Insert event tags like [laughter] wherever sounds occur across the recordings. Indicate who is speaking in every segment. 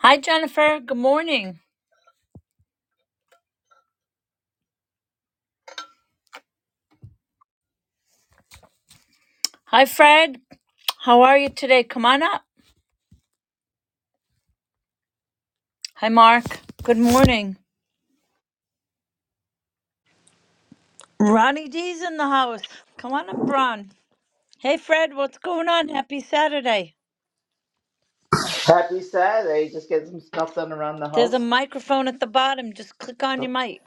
Speaker 1: Hi, Jennifer. Good morning. Hi, Fred. How are you today? Come on up. Hi, Mark. Good morning. Ronnie D's in the house. Come on up, Ron. Hey, Fred. What's going on? Happy Saturday.
Speaker 2: Happy Saturday. Just getting some stuff done around the
Speaker 1: There's a
Speaker 2: house.
Speaker 1: microphone at the bottom. Just click on your mic.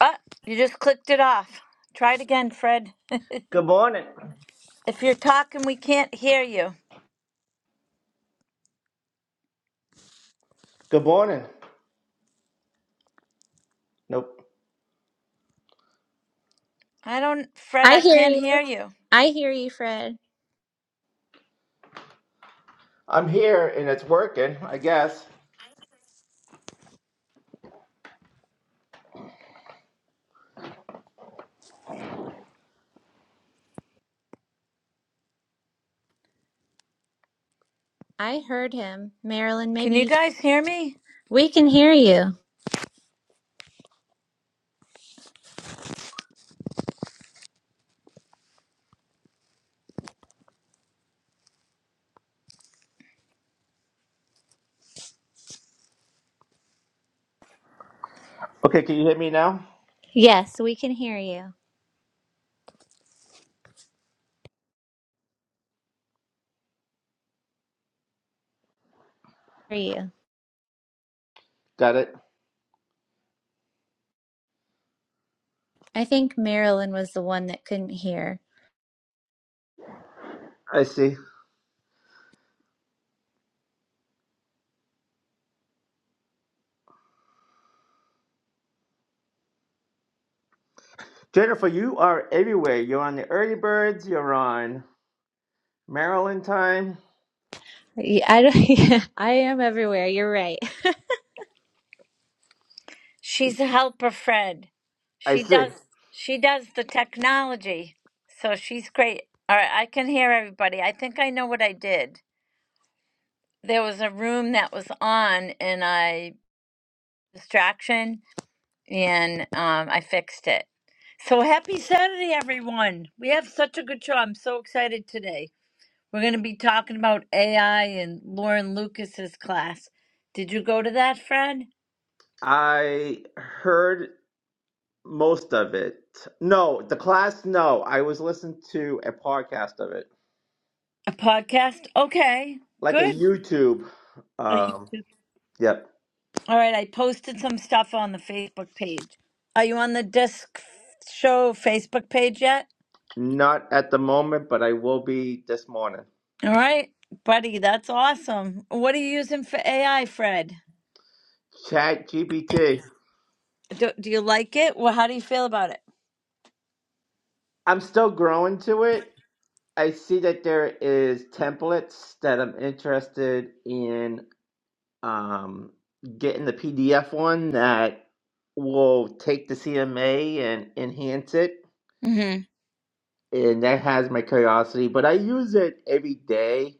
Speaker 1: Ah, you just clicked it off. Try it again, Fred.
Speaker 2: Good morning.
Speaker 1: If you're talking, we can't hear you.
Speaker 2: Good morning. Nope.
Speaker 1: I don't, Fred,
Speaker 3: I
Speaker 1: I
Speaker 3: hear
Speaker 1: can't
Speaker 3: you.
Speaker 1: hear you.
Speaker 3: I hear you, Fred.
Speaker 2: I'm here and it's working, I guess.
Speaker 3: I heard him. Marilyn,
Speaker 1: Can you
Speaker 3: maybe
Speaker 1: guys hear me?
Speaker 3: we can hear you.
Speaker 2: Okay, can you hear me now?
Speaker 3: Yes, we can hear you. Hear you.
Speaker 2: Got it.
Speaker 3: I think Marilyn was the one that couldn't hear.
Speaker 2: I see. Jennifer, you are everywhere. You're on the early birds, you're on Maryland time.
Speaker 3: Yeah, I don't, [laughs] yeah, I am everywhere. You're right.
Speaker 1: She's a helper, Fred.
Speaker 2: I
Speaker 1: She
Speaker 2: see.
Speaker 1: does she does the technology. So she's great. All right, I can hear everybody. I think I know what I did. There was a room that was on and I distraction and um I fixed it. So happy Saturday everyone. We have such a good show. I'm so excited today. We're going to be talking about AI and Lauren Lucas's class. Did you go to that, Fred?
Speaker 2: I heard most of it. No, the class, no. I was listening to a podcast of it,
Speaker 1: A podcast? Okay.
Speaker 2: like a
Speaker 1: Good.
Speaker 2: YouTube.
Speaker 1: Are
Speaker 2: Um,
Speaker 1: you
Speaker 2: yep.
Speaker 1: All right, I posted some stuff on the Facebook page. Are you on the Disc Show Facebook page yet?
Speaker 2: Not at the moment, but I will be this morning.
Speaker 1: All right, buddy, that's awesome. What are you using for AI, Fred?
Speaker 2: Chat GPT.
Speaker 1: Do, do you like it? Well, how do you feel about it?
Speaker 2: I'm still growing to it. I see that there is templates that I'm interested in um, getting the PDF one that will take the CMA and enhance it.
Speaker 1: hmm
Speaker 2: And that has my curiosity, but I use it every day.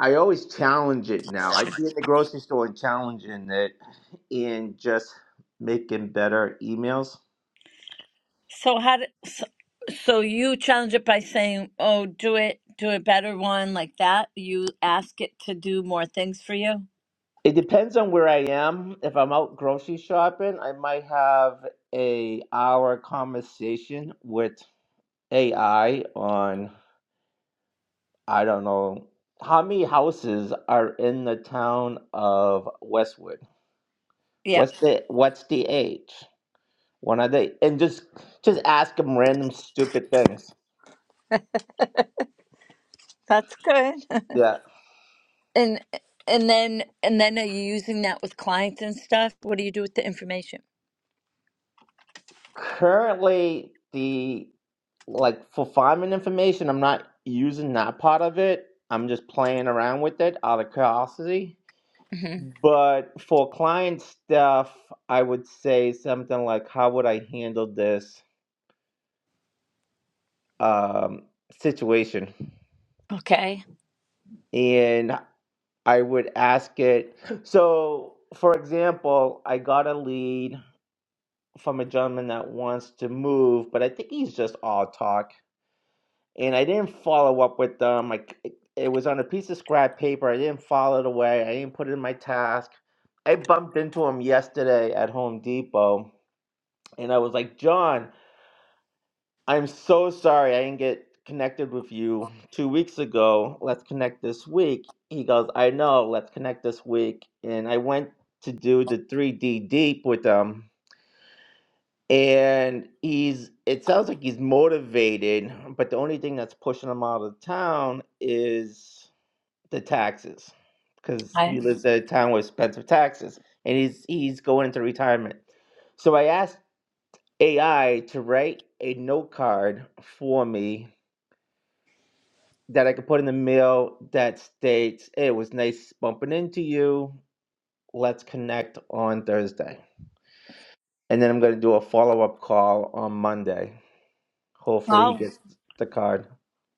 Speaker 2: I always challenge it now. I be in the grocery store and challenging it and just making better emails.
Speaker 1: So how do, so, so you challenge it by saying, "Oh, do it, do a better one like that." You ask it to do more things for you.
Speaker 2: It depends on where I am. If I'm out grocery shopping, I might have a hour conversation with AI on I don't know how many houses are in the town of Westwood.
Speaker 1: Yeah,
Speaker 2: What's the what's the age? When are they? And just just ask them random stupid things.
Speaker 1: that's good. [laughs]
Speaker 2: Yeah.
Speaker 1: And and then and then are you using that with clients and stuff? What do you do with the information?
Speaker 2: Currently, the like for farming information, I'm not using that part of it. I'm just playing around with it out of curiosity. But for client stuff, I would say something like, "How would I handle this um, situation?"
Speaker 1: Okay.
Speaker 2: And I would ask it. So, for example, I got a lead from a gentleman that wants to move, but I think he's just all talk and I didn't follow up with them. Like it, it was on a piece of scrap paper. I didn't file it away. I didn't put it in my task. I bumped into him yesterday at Home Depot, and I was like, John, I'm so sorry I didn't get connected with you two weeks ago. Let's connect this week. He goes, I know. Let's connect this week. And I went to do the 3D deep with them and he's it sounds like he's motivated but the only thing that's pushing him out of town is the taxes because he
Speaker 1: I
Speaker 2: lives in a town with expensive taxes and he's he's going into retirement so i asked ai to write a note card for me that i could put in the mail that states hey, it was nice bumping into you let's connect on thursday and then i'm going to do a follow-up call on monday Hopefully he
Speaker 1: oh,
Speaker 2: gets the card.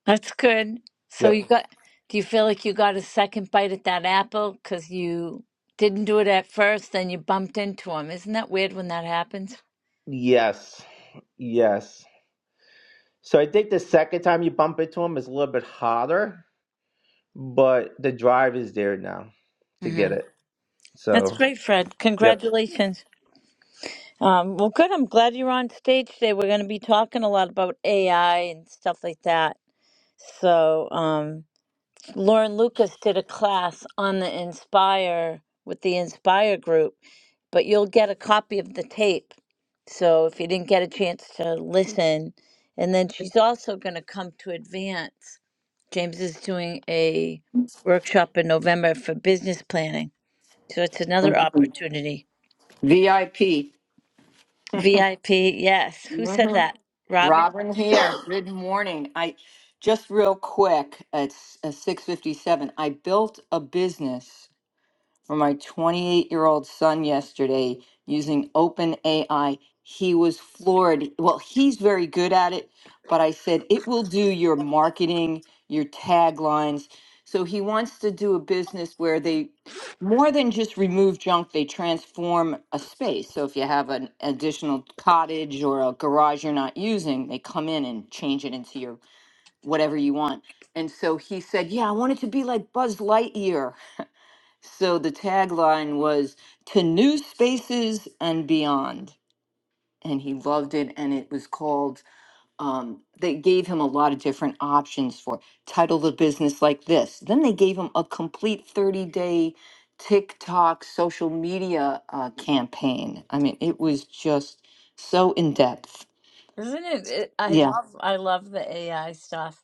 Speaker 1: that's good. So you
Speaker 2: Yep.
Speaker 1: got do you feel like you got a second bite at that apple because you didn't do it at first, then you bumped into him. Isn't that weird when that happens?
Speaker 2: Yes. Yes. So I think the second time you bump into him is a little bit harder, but the drive is there now to
Speaker 1: hmm
Speaker 2: get it.
Speaker 1: That's
Speaker 2: So,
Speaker 1: great, Fred.
Speaker 2: yep.
Speaker 1: Congratulations. Um, well, good. I'm glad you're on stage today. We're going to be talking a lot about AI and stuff like that. So, um, Lauren Lucas did a class on the Inspire with the Inspire group, but you'll get a copy of the tape. So if you didn't get a chance to listen, and then she's also going to come to Advance. James is doing a workshop in November for business planning. So it's another
Speaker 4: Mhm.
Speaker 1: opportunity.
Speaker 4: VIP.
Speaker 1: VIP, yes. Who said
Speaker 4: hmm
Speaker 1: that? Robin?
Speaker 4: Robin here. Good morning. I just real quick at six fifty seven. I built a business for my 28 year old son yesterday using OpenAI. He was floored. Well, he's very good at it, but I said it will do your marketing, your taglines. So he wants to do a business where they more than just remove junk, they transform a space. So if you have an additional cottage or a garage you're not using, they come in and change it into your whatever you want. And so he said, Yeah, I want it to be like Buzz Lightyear. So the tagline was to new spaces and beyond. And he loved it. And it was called, um, they gave him a lot of different options for title the business like this. Then they gave him a complete 30 day TikTok social media uh, campaign. I mean, it was just so in depth.
Speaker 1: Isn't it? it I
Speaker 4: Yeah.
Speaker 1: love I love the AI stuff.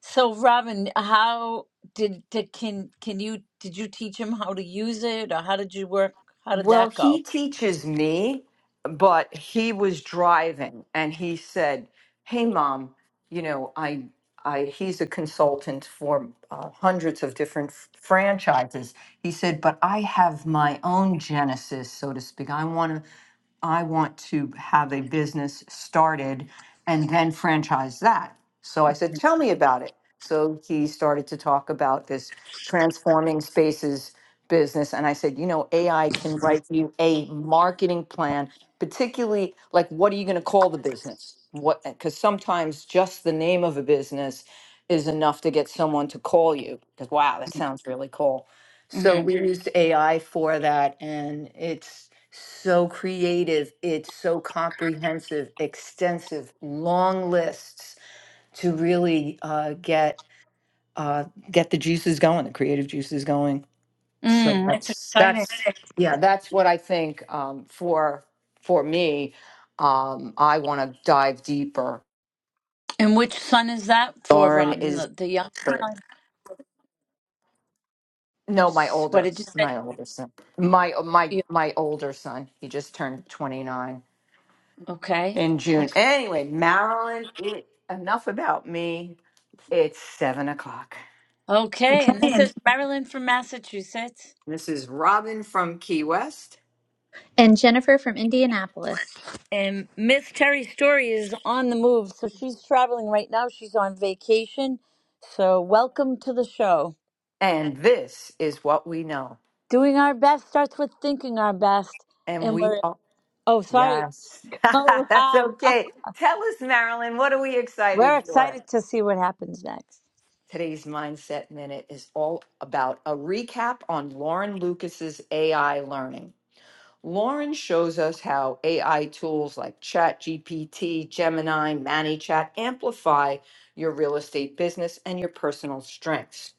Speaker 1: So Robin, how did, did can can you did you teach him how to use it or how did you work? How did
Speaker 4: Well,
Speaker 1: that
Speaker 4: he
Speaker 1: go?
Speaker 4: teaches me, but he was driving and he said, "Hey, mom, you know, I, I." He's a consultant for uh, hundreds of different f- franchises. He said, "But I have my own genesis, so to speak. I want to I want to have a business started and then franchise that. So I said, Tell me about it. So he started to talk about this transforming spaces business. And I said, You know, AI can write you a marketing plan, particularly like, what are you going to call the business? What, because sometimes just the name of a business is enough to get someone to call you because, wow, that sounds really cool. So
Speaker 1: hmm
Speaker 4: we used AI for that, and it's so creative. It's so comprehensive, extensive, long lists to really uh, get uh, get the juices going, the creative juices going. So
Speaker 1: Mm, that's
Speaker 4: that's
Speaker 1: exciting.
Speaker 4: that's yeah, that's what I think um, for for me. Um, I want to dive deeper.
Speaker 1: And which son is that for
Speaker 4: Lauren
Speaker 1: Robin?
Speaker 4: is
Speaker 1: The, the young son.
Speaker 4: no, my
Speaker 1: What
Speaker 4: older,
Speaker 1: did you say?
Speaker 4: my older son, my my
Speaker 1: You-
Speaker 4: my older son. He just turned 29
Speaker 1: okay.
Speaker 4: in June.
Speaker 1: Okay.
Speaker 4: Anyway, Marilyn, it- enough about me. It's seven o'clock.
Speaker 1: Okay.
Speaker 4: Okay.
Speaker 1: And this is
Speaker 4: And
Speaker 1: Marilyn from Massachusetts.
Speaker 4: This is Robin from Key West,
Speaker 3: [laughs] and Jennifer from Indianapolis.
Speaker 1: And Miss Terry Story is on the move. So she's traveling right now. She's on vacation. So welcome to the show.
Speaker 4: and this is what we know.
Speaker 1: Doing our best starts with thinking our best.
Speaker 4: And
Speaker 1: and
Speaker 4: we
Speaker 1: we're
Speaker 4: are,
Speaker 1: Oh, sorry.
Speaker 4: yes,
Speaker 1: Oh,
Speaker 4: [laughs] that's
Speaker 1: Rob. [laughs]
Speaker 4: okay. Tell us, Marilyn, what are we
Speaker 1: We're
Speaker 4: excited for?
Speaker 1: excited to see what happens next.
Speaker 4: Today's Mindset Minute is all about a recap on Lauren Lucas's AI learning. Lauren shows us how AI tools like ChatGPT, Gemini, ManyChat amplify your real estate business and your personal strengths.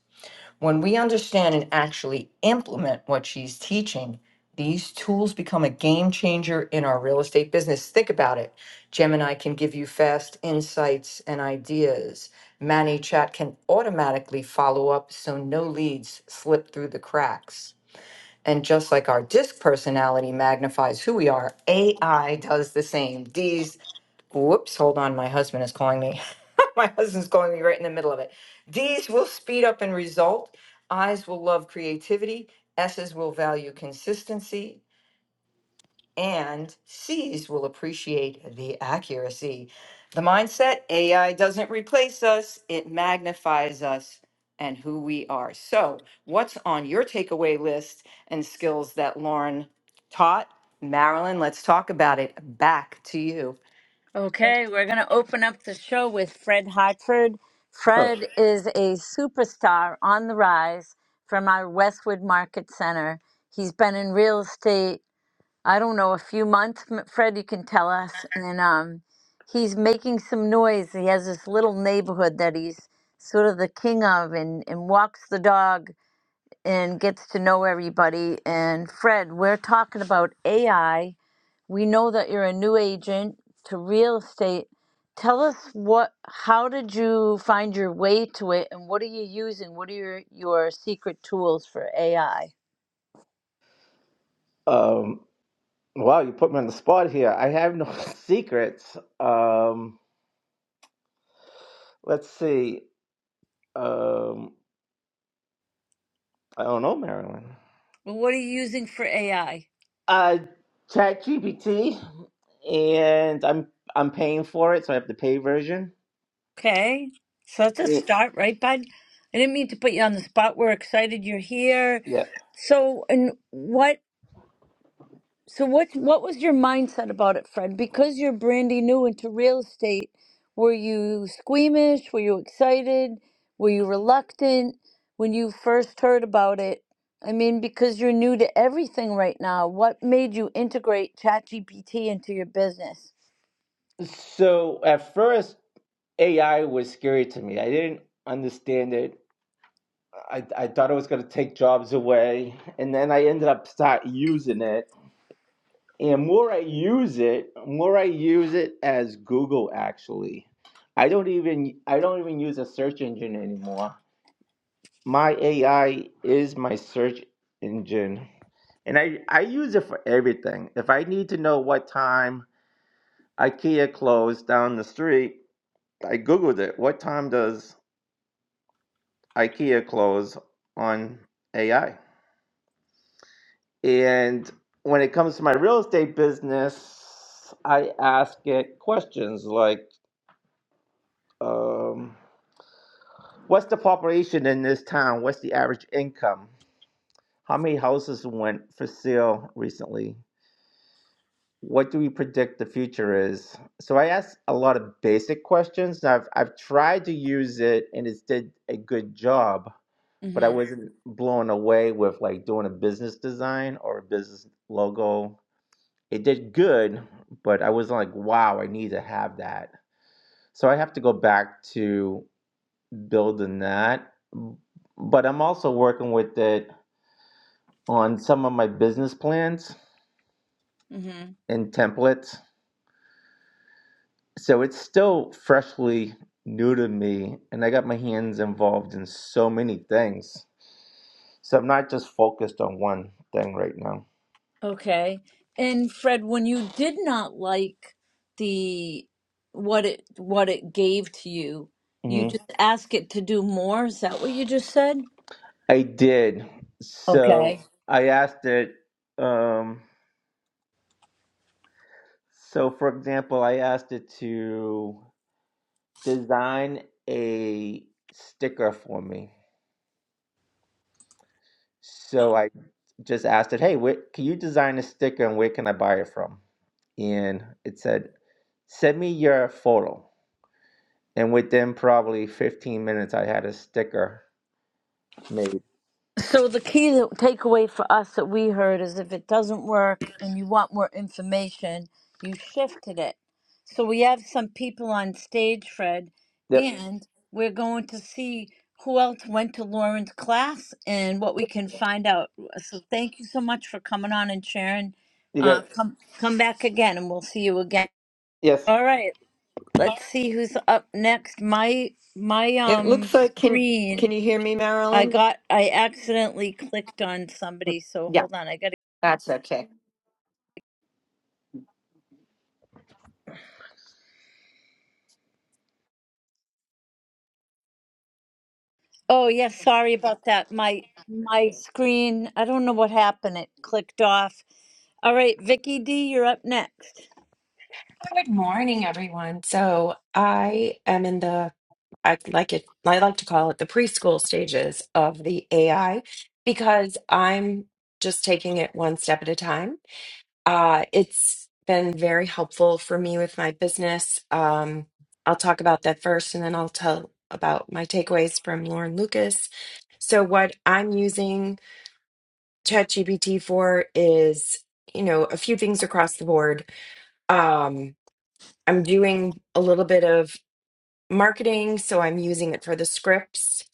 Speaker 4: When we understand and actually implement what she's teaching, these tools become a game changer in our real estate business. Think about it. Gemini can give you fast insights and ideas. ManyChat can automatically follow up so no leads slip through the cracks. And just like our disc personality magnifies who we are, AI does the same. These, whoops, hold on, my husband is calling me. [laughs] my husband's calling me right in the middle of it. Ds will speed up and result. I's will love creativity. S's will value consistency and C's will appreciate the accuracy. The mindset AI doesn't replace us, it magnifies us and who we are. So, what's on your takeaway list and skills that Lauren taught? Marilyn, let's talk about it. Back to you.
Speaker 1: Okay, we're going to open up the show with Fred Hartford.
Speaker 2: [laughs]
Speaker 1: Fred is a superstar on the rise from our Westwood Market Center. He's been in real estate, I don't know, a few months. M- Fred, you can tell us. And um, he's making some noise. He has this little neighborhood that he's sort of the king of and, and walks the dog and gets to know everybody. And Fred, we're talking about AI. We know that you're a new agent to real estate. Tell us what, how did you find your way to it and what are you using? What are your, your secret tools for AI?
Speaker 2: um, wow, you put me on the spot here. I have no [laughs] secrets. Um, let's see. Um, I don't know, Marilyn.
Speaker 1: Well, what are you using for AI?
Speaker 2: Uh, ChatGPT, and I'm I'm paying for it, so I have the pay version.
Speaker 1: Okay. So that's a start, right, bud? I didn't mean to put you on the spot. We're excited you're here.
Speaker 2: Yeah.
Speaker 1: So, and what? So what what was your mindset about it, Fred? Because you're brandy new into real estate, were you squeamish? Were you excited? Were you reluctant when you first heard about it? I mean, because you're new to everything right now, what made you integrate ChatGPT into your business?
Speaker 2: So at first, AI was scary to me. I didn't understand it. I, I thought it was going to take jobs away. And then I ended up start using it. And more I use it, more I use it as Google actually. I don't even I don't even use a search engine anymore. My AI is my search engine. And I, I use it for everything. If I need to know what time IKEA closed down the street, I Googled it. What time does IKEA close on AI? And when it comes to my real estate business, I ask it questions like um, What's the population in this town? What's the average income? How many houses went for sale recently? What do we predict the future is? So I ask a lot of basic questions. I've, I've tried to use it and it's did a good job but I
Speaker 1: Mm-hmm.
Speaker 2: wasn't blown away with like doing a business design or a business logo. It did good, but I was like, wow, I need to have that. So I have to go back to building that. But I'm also working with it on some of my business plans
Speaker 1: Mm-hmm.
Speaker 2: and templates. So it's still freshly new to me, and I got my hands involved in so many things. So I'm not just focused on one thing right now.
Speaker 1: Okay. And Fred, when you did not like the what it what it gave to you, you
Speaker 2: Mm-hmm.
Speaker 1: just ask it to do more. Is that what you just said?
Speaker 2: I did. So
Speaker 1: Okay.
Speaker 2: I asked it. Um, so, for example, I asked it to design a sticker for me. So I just asked it, "Hey, where, can you design a sticker and where can I buy it from?" And it said, "Send me your photo." And within probably 15 minutes, I had a sticker made.
Speaker 1: So the key that- takeaway for us that we heard is if it doesn't work and you want more information, you shifted it. So we have some people on stage, Fred,
Speaker 2: Yep,
Speaker 1: and we're going to see who else went to Lauren's class and what we can find out. So thank you so much for coming on and sharing.
Speaker 2: you got
Speaker 1: Uh,
Speaker 2: it.
Speaker 1: come come back again, and we'll see you again.
Speaker 2: Yes.
Speaker 1: All right. Let's see who's up next. My my
Speaker 4: It
Speaker 1: um
Speaker 4: looks like can
Speaker 1: screen
Speaker 4: can you hear me,
Speaker 1: I
Speaker 4: Marilyn?
Speaker 1: got I accidentally clicked on somebody, so
Speaker 4: Yeah,
Speaker 1: hold on. I got to
Speaker 4: that's okay.
Speaker 1: Oh, yeah, sorry about that. My my screen, I don't know what happened. It clicked off. All right, Vicky D, you're up next.
Speaker 5: Good morning, everyone. So I am in the I like it I like to call it the preschool stages of the AI because I'm just taking it one step at a time. Uh, it's been very helpful for me with my business. Um, I'll talk about that first, and then I'll tell about my takeaways from Lauren Lucas. So what I'm using ChatGPT for is, you know, a few things across the board. Um, I'm doing a little bit of marketing, so I'm using it for the scripts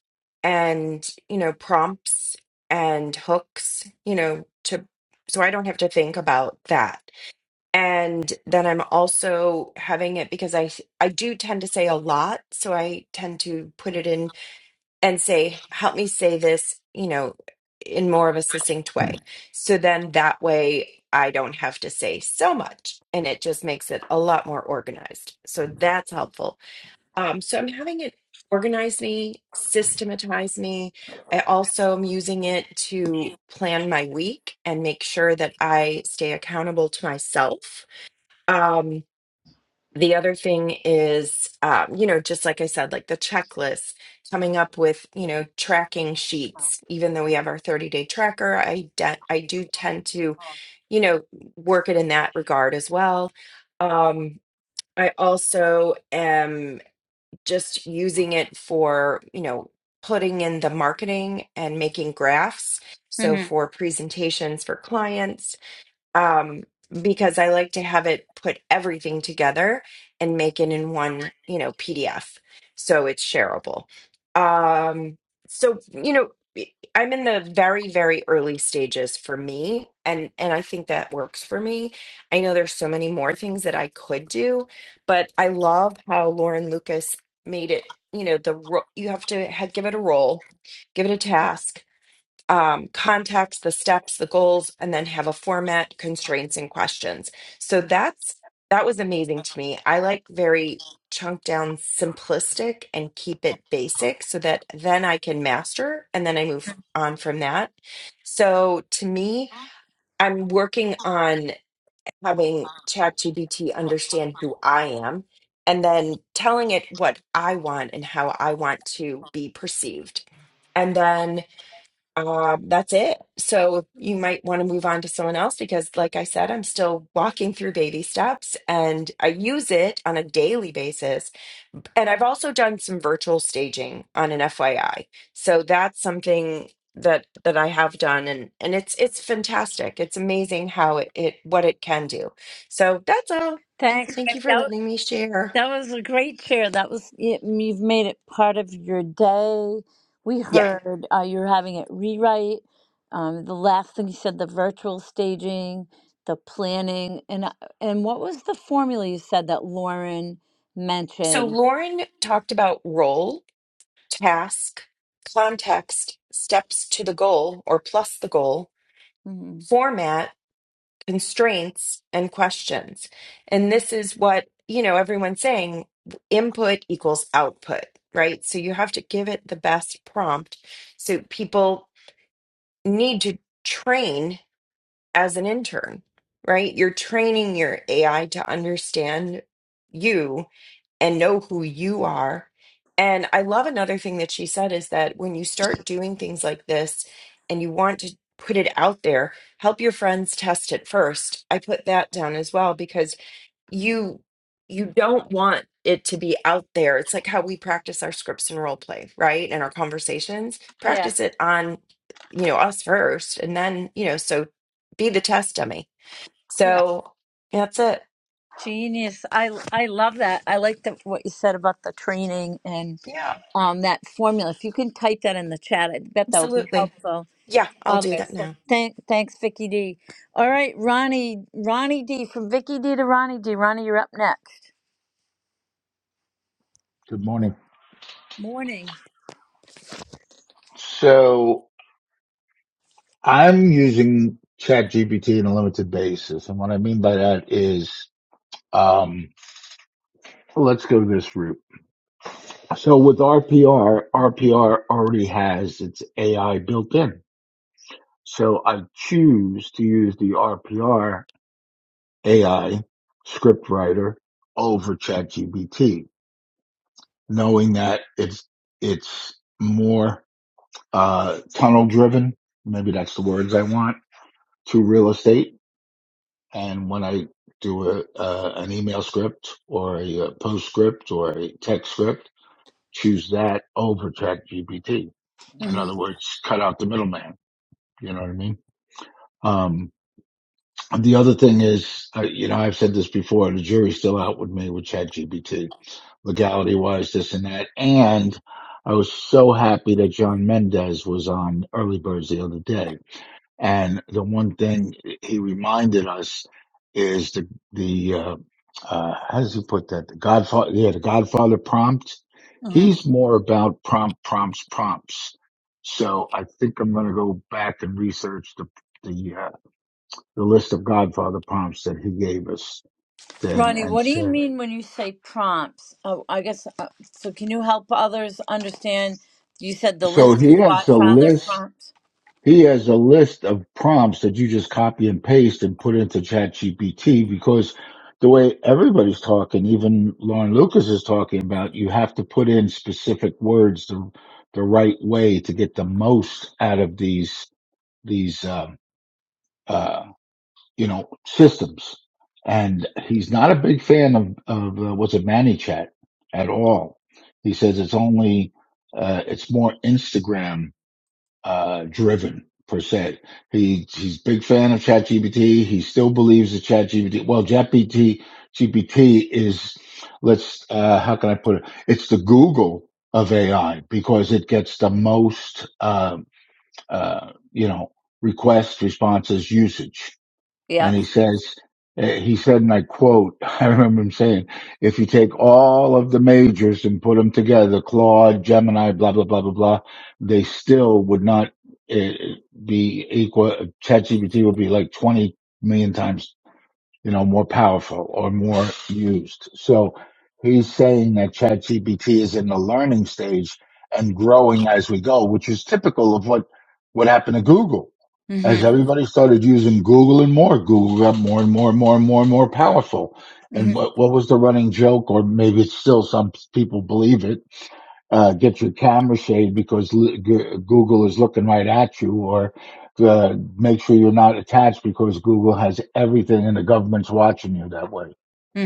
Speaker 5: and, you know, prompts and hooks, you know, to so I don't have to think about that. And then I'm also having it because I I do tend to say a lot, so I tend to put it in and say, help me say this, you know, in more of a succinct way. So then that way I don't have to say so much and it just makes it a lot more organized. So that's helpful. Um, so I'm having it organize me, systematize me. I also am using it to plan my week and make sure that I stay accountable to myself. Um, the other thing is, um, you know, just like I said, like the checklist, coming up with, you know, tracking sheets. Even though we have our 30 day tracker, I, de- I do tend to, you know, work it in that regard as well. Um, I also am just using it for, you know, putting in the marketing and making graphs. So
Speaker 1: hmm
Speaker 5: for presentations for clients, um, because I like to have it put everything together and make it in one, you know, PDF so it's shareable. Um, so you know, I'm in the very, very early stages for me, and and I think that works for me. I know there's so many more things that I could do, but I love how Lauren Lucas made it. You know, the ro- you have to ha- give it a role, give it a task, um, context, the steps, the goals, and then have a format, constraints, and questions. So that's that was amazing to me. I like very chunk down simplistic and keep it basic so that then I can master and then I move on from that. So to me, I'm working on having ChatGPT understand who I am and then telling it what I want and how I want to be perceived. And then um, that's it. So you might want to move on to someone else because, like I said, I'm still walking through baby steps and I use it on a daily basis. And I've also done some virtual staging on an FYI. So that's something that that I have done and and it's it's fantastic. It's amazing how it, it what it can do. So that's all.
Speaker 1: Thanks.
Speaker 5: Thank
Speaker 1: Vic.
Speaker 5: you for
Speaker 1: That,
Speaker 5: letting
Speaker 1: was-
Speaker 5: me share.
Speaker 1: that was a great share. That was it, you've made it part of your day. We
Speaker 5: Yeah.
Speaker 1: heard uh, you're having it rewrite. Um, the last thing you said, the virtual staging, the planning, and uh, and what was the formula you said that Lauren
Speaker 5: So
Speaker 1: mentioned?
Speaker 5: Lauren talked about role task, context, steps to the goal or plus the goal,
Speaker 1: hmm
Speaker 5: format, constraints, and questions. And this is what, you know, everyone's saying input equals output, right? So you have to give it the best prompt. So people need to train as an intern, right? You're training your AI to understand you and know who you are. And I love another thing that she said is that when you start doing things like this and you want to put it out there, help your friends test it first. I put that down as well because you you don't want it to be out there. It's like how we practice our scripts and role play, right? And our conversations. Practice
Speaker 1: Yes.
Speaker 5: it on, you know, us first and then, you know, so be the test dummy.
Speaker 1: Yeah.
Speaker 5: So that's it.
Speaker 1: Genius. I I love that. I like the, what you said about the training and
Speaker 5: Yeah,
Speaker 1: um that formula. If you can type that in the chat, I bet that will be
Speaker 5: absolutely.
Speaker 1: helpful.
Speaker 5: Yeah, I'll do that
Speaker 1: Others. So
Speaker 5: now.
Speaker 1: thank thanks, Vicky D. All right, Ronnie Ronnie D. From Vicky D. to Ronnie D. Ronnie, you're up next.
Speaker 6: Good morning.
Speaker 1: Morning.
Speaker 6: So I'm using ChatGPT on a limited basis. And what I mean by that is, um, let's go this route. So with RPR, RPR already has its AI built in. So I choose to use the RPR AI script writer over ChatGPT, knowing that it's, it's more, uh, tunnel driven. Maybe that's the words I want to real estate And when I do a, uh, an email script or a, uh postscript or a text script, choose that over ChatGPT. In
Speaker 1: hmm
Speaker 6: other words, cut out the middleman. You know what I mean? Um, the other thing is, uh, you know, I've said this before, the jury's still out with me with ChatGPT, legality wise, this and that. And I was so happy that John Mendez was on Early Birds the other day and the one thing he reminded us is the the uh, uh, how does he put that? The Godfather, yeah, the Godfather prompt.
Speaker 1: hmm
Speaker 6: He's more about prompt prompts prompts. So I think I'm going to go back and research the the uh, the list of Godfather prompts that he gave us then
Speaker 1: Ronnie,
Speaker 6: and
Speaker 1: what do you
Speaker 6: said.
Speaker 1: mean when you say prompts? Oh, I guess. Uh, so, can you help others understand? You said the
Speaker 6: So
Speaker 1: list
Speaker 6: he
Speaker 1: of
Speaker 6: has a
Speaker 1: Godfather
Speaker 6: list
Speaker 1: prompts.
Speaker 6: He has a list of prompts that you just copy and paste and put into ChatGPT because the way everybody's talking, even Lauren Lucas is talking about, you have to put in specific words the, the right way to get the most out of these these um, uh, you know systems. And he's not a big fan of of uh, what's it ManyChat at all. He says it's only uh, it's more Instagram uh, driven per se. He he's a big fan of ChatGPT. He still believes that ChatGPT. Well, ChatGPT GPT is let's uh, how can I put it? It's the Google of AI because it gets the most uh, uh, you know requests, responses, usage and
Speaker 1: Yeah.
Speaker 6: he says eh, he said and i quote [laughs] i remember him saying if you take all of the majors and put them together claude gemini blah blah blah blah blah they still would not eh, be equal chatgpt would be like 20 million times you know more powerful or more used so he's saying that chatgpt is in the learning stage and growing as we go which is typical of what what happened to google
Speaker 1: hmm
Speaker 6: as everybody started using Google and more, Google got more and more and more and more and more powerful. And what, what was the running joke, or maybe it's still some people believe it, uh, get your camera shade because l- G- Google is looking right at you, or uh, make sure you're not attached because Google has everything and the government's watching you that way.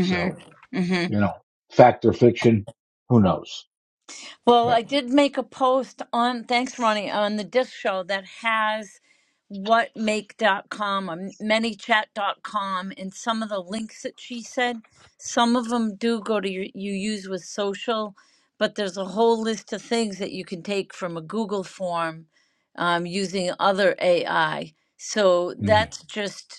Speaker 6: So,
Speaker 1: Mm-hmm.
Speaker 6: you know, fact or fiction, who knows?
Speaker 1: Well,
Speaker 6: But,
Speaker 1: I did make a post on, thanks, Ronnie, on the disc show that has whatmake.com, um, manychat dot com and some of the links that she said. Some of them do go to your, you use with social, but there's a whole list of things that you can take from a Google form um, using other AI. So
Speaker 6: mm,
Speaker 1: that's just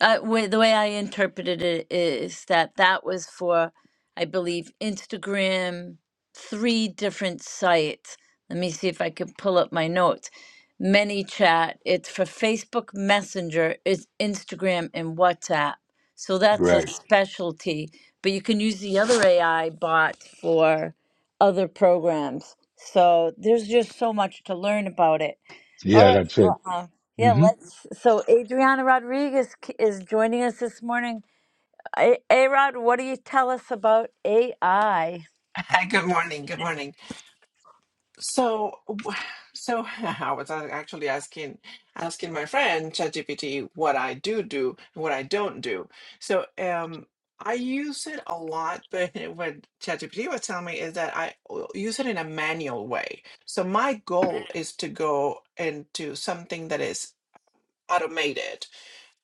Speaker 1: Uh, wa- the way I interpreted it is that that was for, I believe, Instagram, three different sites. Let me see if I can pull up my notes. ManyChat, it's for Facebook Messenger, it's Instagram and WhatsApp. So that's a
Speaker 6: right.
Speaker 1: specialty, but you can use the other AI bot for other programs. So there's just so much to learn about it. All
Speaker 6: Yeah,
Speaker 1: right.
Speaker 6: that's it.
Speaker 1: well, Uh, yeah,
Speaker 6: hmm
Speaker 1: let's. So, Adriana Rodriguez k- is joining us this morning. A Rod, what do you tell us about AI?
Speaker 7: Hi, good morning. Good morning. So, w- so [laughs] I was actually asking asking my friend ChatGPT what I do do and what I don't do. So, um, I use it a lot, but [laughs] what ChatGPT was telling me is that I o- use it in a manual way. So my goal is to go into something that is automated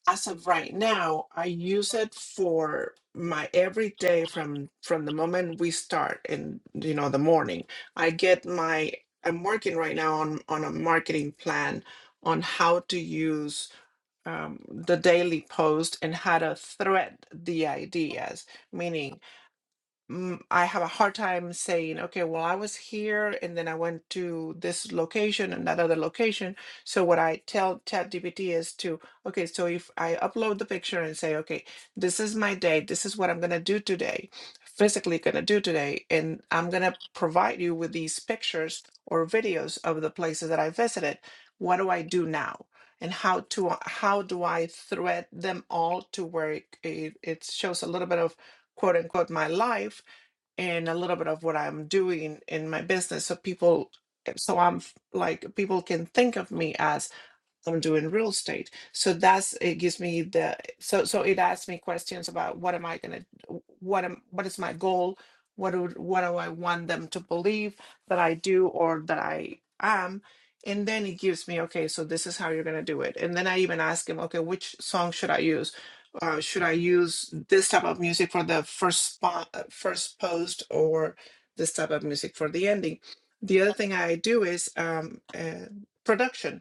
Speaker 7: as of right now, I use it for my everyday from from the moment we start in you know the morning. I get my I'm working right now on on a marketing plan on how to use um, the daily post and how to thread the ideas, meaning mm, I have a hard time saying, okay, well, I was here and then I went to this location and that other location. So what I tell ChatGPT is to, okay, so if I upload the picture and say, okay, this is my day, this is what I'm gonna do today, physically gonna do today, and I'm gonna provide you with these pictures or videos of the places that I visited. What do I do now? And how to how do I thread them all to where it, it, it shows a little bit of quote unquote my life and a little bit of what I'm doing in my business so people eh, so I'm f- like people can think of me as. I'm doing real estate. So that's it gives me the so so it asks me questions about what am I gonna what am what is my goal? What do what do I want them to believe that I do or that I am? And then it gives me, okay, so this is how you're gonna do it. And then I even ask him, okay, which song should I use? Uh, should I use this type of music for the first spot, first post, or this type of music for the ending? The other thing I do is um, uh, production.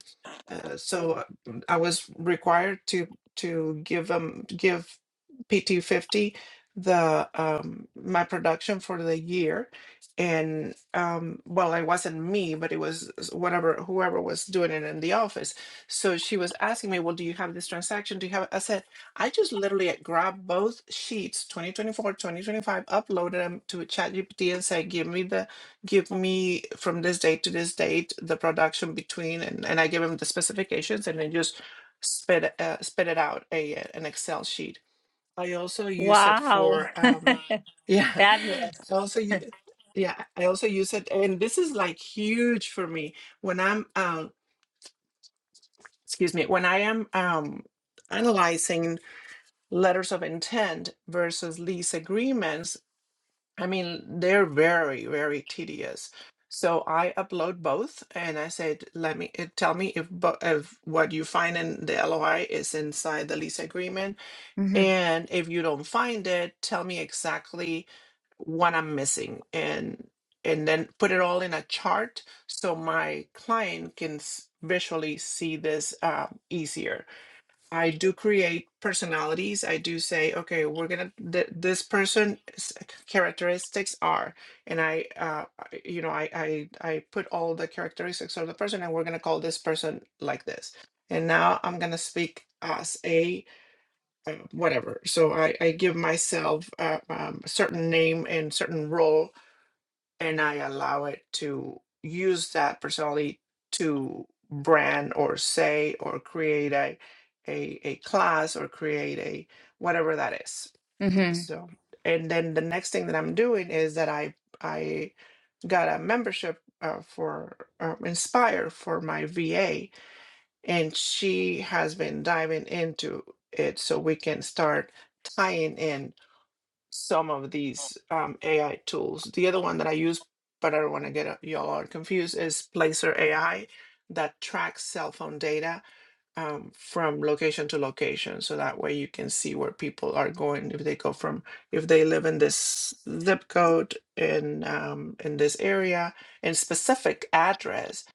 Speaker 7: Uh, so uh, mm, I was required to to give um give PT fifty the um my production for the year, and um well it wasn't me but it was s- whatever whoever was doing it in the office. So she was asking me, well, do you have this transaction? Do you have? it?" I said I just literally grabbed both sheets, 2024 2025 uploaded them to ChatGPT and said, give me the give me from this date to this date the production between and, and I give him the specifications and then just spit uh, spit it out a uh, an Excel sheet. I also use it
Speaker 1: Wow.
Speaker 7: for um
Speaker 1: [laughs]
Speaker 7: yeah
Speaker 1: Fabulous.
Speaker 7: [laughs] I also u- yeah I also use it and this is like huge for me when I'm um excuse me when I am um analyzing letters of intent versus lease agreements I mean, they're very, very tedious. So I upload both and I said, let me it, tell me if, bo- if what you find in the LOI is inside the lease agreement.
Speaker 1: hmm
Speaker 7: And if you don't find it, tell me exactly what I'm missing and and then put it all in a chart so my client can s- visually see this uh, easier I do create personalities. I do say, okay, we're gonna th- this person's characteristics are, and I, uh, I- you know, I, I I put all the characteristics of the person, and we're gonna call this person like this. And now I'm gonna speak as a uh, whatever. So I I give myself uh, um, a certain name and certain role and I allow it to use that personality to brand or say or create a a, a class or create a whatever that is.
Speaker 1: hmm
Speaker 7: So and then the next thing that I'm doing is that I I got a membership uh, for uh, Inspire for my VA, and she has been diving into it so we can start tying in some of these um, AI tools. The other one that I use, but I don't want to get uh, y'all all confused, is Placer AI that tracks cell phone data um, from location to location. So that way you can see where people are going if they go from if they live in this zip code in um, in this area and specific address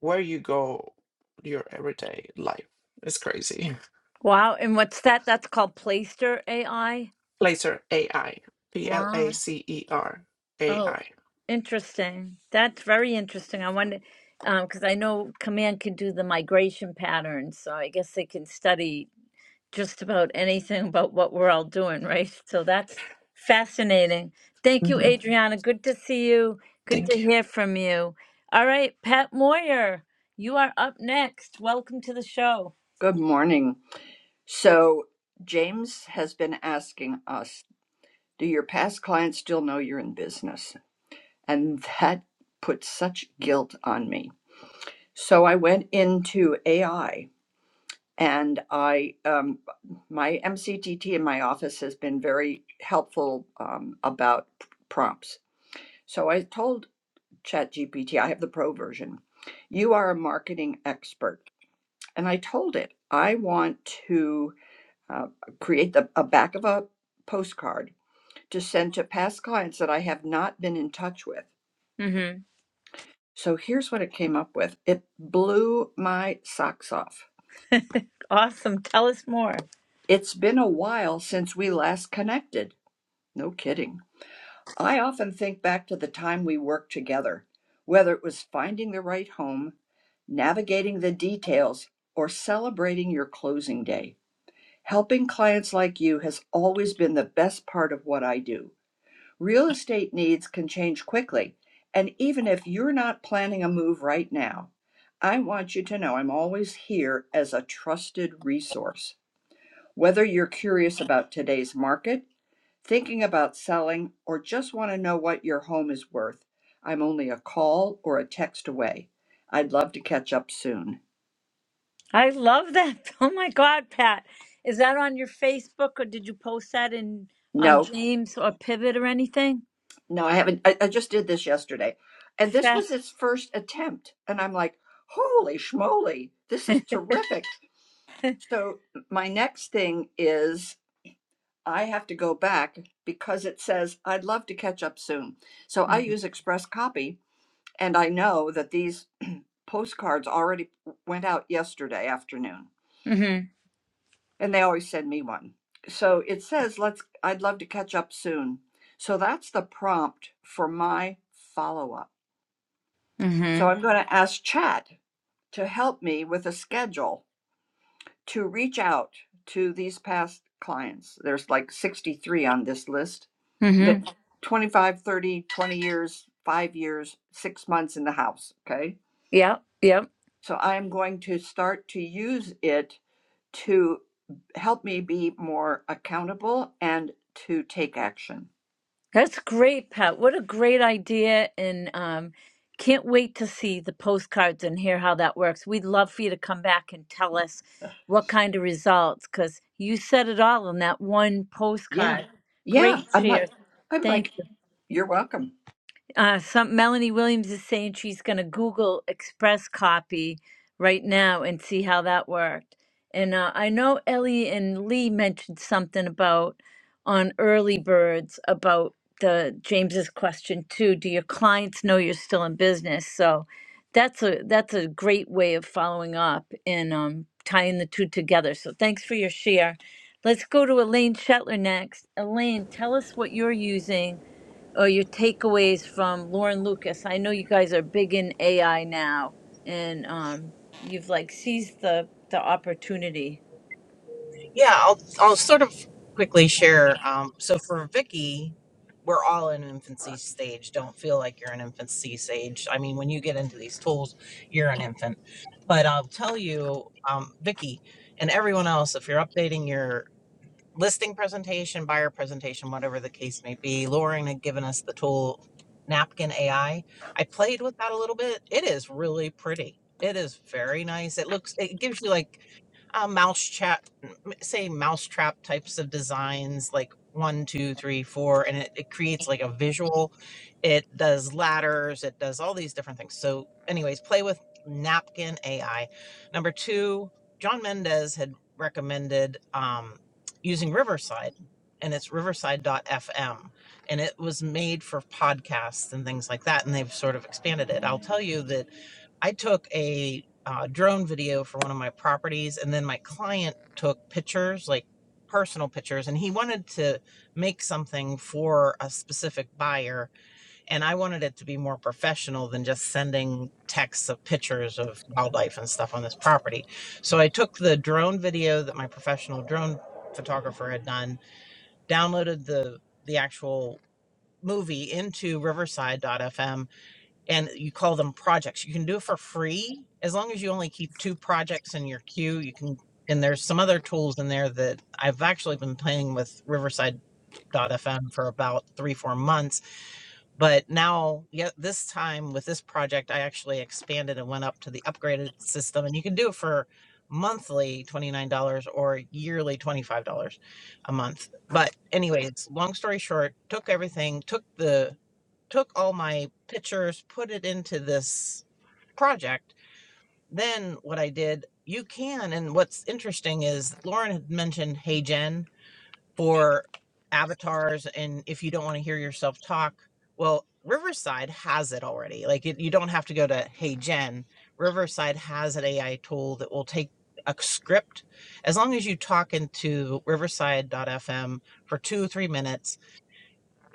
Speaker 7: where you go your everyday life. It's crazy.
Speaker 1: Wow. And what's that? That's called Playster AI.
Speaker 7: [laughs] Placer AI. P L
Speaker 1: Wow.
Speaker 7: A C E R
Speaker 1: Oh,
Speaker 7: AI.
Speaker 1: interesting. That's very interesting. I wonder, um, because I know Command can do the migration patterns, so I guess they can study just about anything about what we're all doing, right? So that's fascinating. Thank you, Adriana. Good to see you. Good
Speaker 7: Thank
Speaker 1: to
Speaker 7: you.
Speaker 1: hear from you. All right, Pat Moyer, you are up next. Welcome to the show.
Speaker 8: Good morning. So, James has been asking us, do your past clients still know you're in business? And that put such guilt on me. So, I went into AI and I, um, my MCTT in my office has been very helpful um, about p- prompts. So, I told ChatGPT, I have the pro version, you are a marketing expert. And I told it, I want to uh, create the, a back of a postcard to send to past clients that I have not been in touch with.
Speaker 1: Mm-hmm.
Speaker 8: So here's what it came up with it blew my socks off.
Speaker 1: Awesome. Tell us more.
Speaker 8: It's been a while since we last connected. No kidding. I often think back to the time we worked together, whether it was finding the right home, navigating the details, or celebrating your closing day. Helping clients like you has always been the best part of what I do. Real estate needs can change quickly. And even if you're not planning a move right now, I want you to know I'm always here as a trusted resource. Whether you're curious about today's market, thinking about selling, or just want to know what your home is worth, I'm only a call or a text away. I'd love to catch up soon.
Speaker 1: I love that. [laughs] Oh my God, Pat. Is that on your Facebook or did you post that in on
Speaker 8: No,
Speaker 1: James or Pivot or anything?
Speaker 8: no, I haven't. I, I just did this yesterday. And this was
Speaker 1: Fast.
Speaker 8: its first attempt. And I'm like, holy schmoly,
Speaker 1: [laughs]
Speaker 8: this is
Speaker 1: mm-hmm.
Speaker 8: terrific. So my next thing is I have to go back because it says I'd love to catch up soon. So I use Express Copy and I know that these postcards already went out yesterday afternoon
Speaker 1: Mm-hmm.
Speaker 8: and they always send me one. So it says let's I'd love to catch up soon. So that's the prompt for my follow up. So I'm going to ask Chat to help me with a schedule to reach out to these past clients. There's like 63 on this list that
Speaker 1: Mm-hmm.
Speaker 8: 25, 30, 20 years, five years, six months in the house. Okay.
Speaker 1: Yep. Yep.
Speaker 8: So I'm going to start to use it to help me be more accountable and to take action.
Speaker 1: That's great, Pat. What a great idea. And um, can't wait to see the postcards and hear how that works. We'd love for you to come back and tell us what kind of results, because you said it all in that one
Speaker 8: Yeah.
Speaker 1: postcard.
Speaker 8: Yeah.
Speaker 1: Great
Speaker 8: I'm like,
Speaker 1: share.
Speaker 8: I'm
Speaker 1: Thank
Speaker 8: like, you're welcome.
Speaker 1: uh, some Melanie Williams is saying she's going to Google Express Copy right now and see how that worked. And uh, I know Ellie and Lee mentioned something about on early birds about the James's question too. Do your clients know you're still in business? So that's a that's a great way of following up and um, tying the two together. So thanks for your share. Let's go to Elaine Shetler next. Elaine, tell us what you're using or your takeaways from Lauren Lucas. I know you guys are big in AI now, and um, you've like seized the the opportunity.
Speaker 9: Yeah, I'll I'll sort of quickly share. Um, so for Vicky, we're all in infancy stage. Don't feel like you're in infancy stage. I mean, when you get into these tools, you're an infant. But I'll tell you, um, Vicky, and everyone else, if you're updating your listing presentation, buyer presentation, whatever the case may be, Lauren had given us the tool Napkin AI. I I played with that a little bit. It is really pretty. It is very nice. It looks. It gives you like a mouse chat m- say mousetrap types of designs like one two three four and it, it creates like a visual it does ladders it does all these different things so anyways play with napkin ai number two john mendez had recommended um, using riverside and it's Riverside FM, and it was made for podcasts and things like that and they've sort of expanded it i'll tell you that I took a uh, drone video for one of my properties, and then my client took pictures, like personal pictures, and he wanted to make something for a specific buyer. And I wanted it to be more professional than just sending texts of pictures of wildlife and stuff on this property. So I took the drone video that my professional drone photographer had done, downloaded the the actual movie into Riverside FM and you call them projects. You can do it for free as long as you only keep two projects in your queue. You can, and there's some other tools in there that I've actually been playing with Riverside FM for about three, four months. But now, yeah, this time with this project, I actually expanded and went up to the upgraded system, and you can do it for monthly $29 or yearly $25 a month. But anyways, long story short, took everything, took the took all my pictures, put it into this project. Then what I did, you can. And what's interesting is Lauren had mentioned Hey Gen for avatars. And if you don't want to hear yourself talk, well, Riverside has it already. Like it, you don't have to go to Hey Gen. Riverside has an AI tool that will take a script as long as you talk into Riverside FM for two or three minutes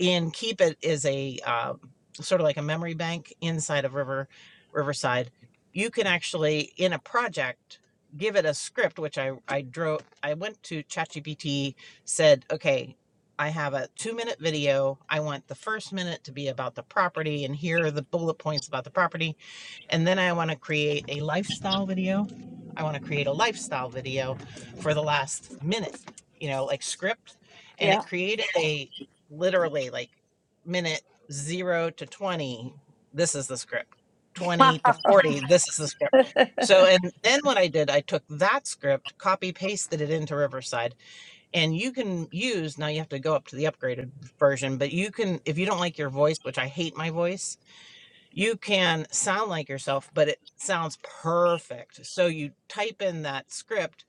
Speaker 9: and keep it is a uh, sort of like a memory bank inside of river riverside you can actually in a project give it a script which i i drew. i went to chatgpt said okay i have a two minute video i want the first minute to be about the property and here are the bullet points about the property and then I want to create a lifestyle video. I want to create a lifestyle video for the last minute, you know, like script. And it
Speaker 1: Yeah. [laughs]
Speaker 9: created a literally like minute zero to 20. This is the script.
Speaker 1: Wow.
Speaker 9: 20 to 40. This is the script.
Speaker 1: [laughs]
Speaker 9: So, and then what I did, I took that script, copy pasted it into Riverside, and you can use now you have to go up to the upgraded version, but you can, if you don't like your voice, which I hate my voice, you can sound like yourself, but it sounds perfect. So you type in that script,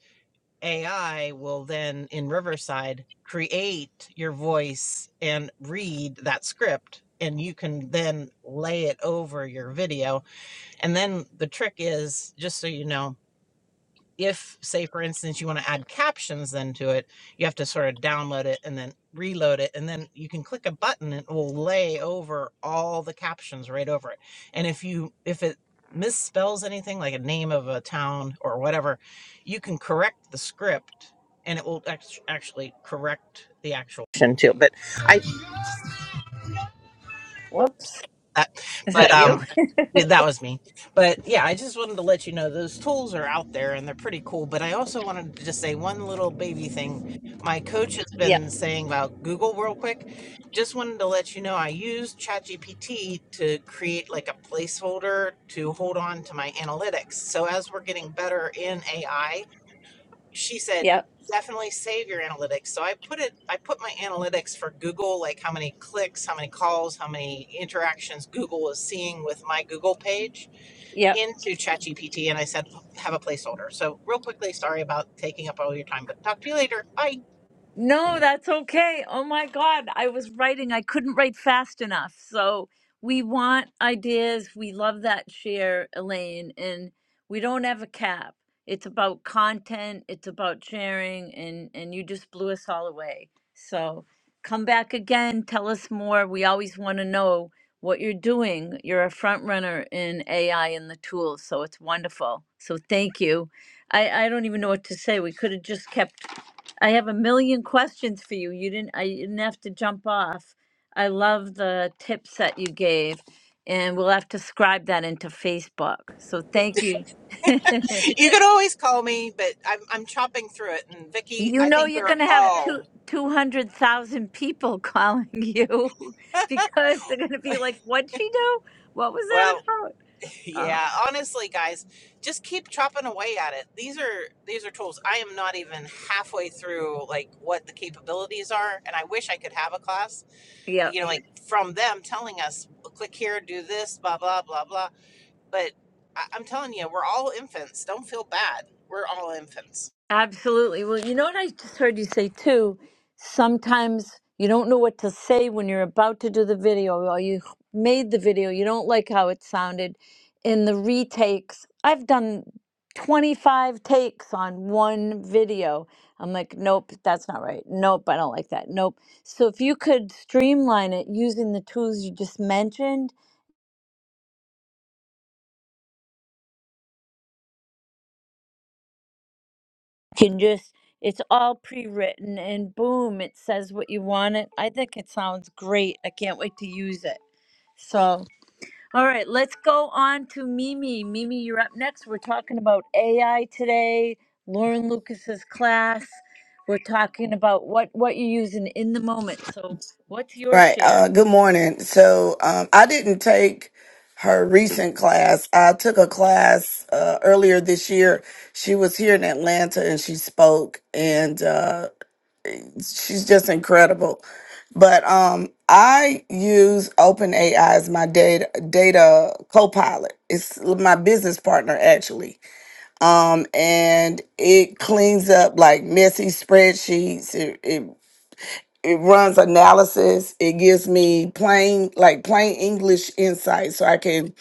Speaker 9: AI will then in Riverside create your voice and read that script. And you can then lay it over your video. And then the trick is just so you know, if say for instance you want to add captions then to it you have to sort of download it and then reload it and then you can click a button and it will lay over all the captions right over it and if you if it misspells anything like a name of a town or whatever you can correct the script and it will act- actually correct the actual too but I
Speaker 1: Whoops.
Speaker 9: that.
Speaker 1: Is
Speaker 9: But
Speaker 1: that you?
Speaker 9: um, yeah, that was me. But yeah, I just wanted to let you know those tools are out there and they're pretty cool. But I also wanted to just say one little baby thing. My coach has
Speaker 1: [laughs] Yeah.
Speaker 9: been saying about Google real quick. Just wanted to let you know I used ChatGPT to create like a placeholder to hold on to my analytics. So as we're getting better in AI, she said
Speaker 1: Yeah.
Speaker 9: definitely save your analytics so i put it i put my analytics for google like how many clicks how many calls how many interactions google is seeing with my google page
Speaker 1: Yeah.
Speaker 9: into chatgpt and i said have a placeholder so real quickly sorry about taking up all your time but talk to you later bye
Speaker 1: No, that's okay. Oh my God. I was writing, I couldn't write fast enough. So we want ideas. We love that share, Elaine. And we don't have a cap. It's about content, it's about sharing, and, and you just blew us all away. So come back again. Tell us more. We always want to know what you're doing. You're a front runner in AI and the tools. So it's wonderful. So thank you. I, I don't even know what to say. We could have just kept I have a million questions for you. You didn't I you didn't have to jump off. I love the tips that you gave and we'll have to scribe that into Facebook. So thank you. [laughs]
Speaker 9: [laughs] you can always call me but i'm, I'm chopping through it and vicky
Speaker 1: you
Speaker 9: i
Speaker 1: know
Speaker 9: think
Speaker 1: you're
Speaker 9: we're
Speaker 1: going to have two,
Speaker 9: all
Speaker 1: 200,000 people calling you [laughs] because they're going to be like what'd she do? What was
Speaker 9: well
Speaker 1: that about? Oh,
Speaker 9: Yeah, honestly, guys, just keep chopping away at it. These are these are tools. I am not even halfway through like what the capabilities are, and I wish I could have a class,
Speaker 1: yeah.
Speaker 9: you know, like from them telling us, click here, do this, blah blah blah blah. But I, I'm telling you, we're all infants. Don't feel bad. We're all infants.
Speaker 1: Absolutely. Well, you know what I just heard you say too? Sometimes you don't know what to say when you're about to do the video or you made the video, you don't like how it sounded in the retakes. I've done 25 takes on one video. I'm like, nope, that's not right. Nope, I don't like that. Nope. So if you could streamline it using the tools you just mentioned, can just it's all pre-written and boom it says what you want it i think it sounds great i can't wait to use it so all right let's go on to mimi mimi you're up next we're talking about ai today lauren lucas's class we're talking about what what you're using in the moment so what's your
Speaker 10: Right.
Speaker 1: share
Speaker 10: Uh, good morning. So um, I didn't take her recent class. I took a class uh, earlier this year. She was here in Atlanta and she spoke, and uh, she's just incredible. But um, I use OpenAI as my data data co-pilot. It's my business partner actually, um, and it cleans up like messy spreadsheets. It, it it runs analysis it gives me plain like plain english insight so i can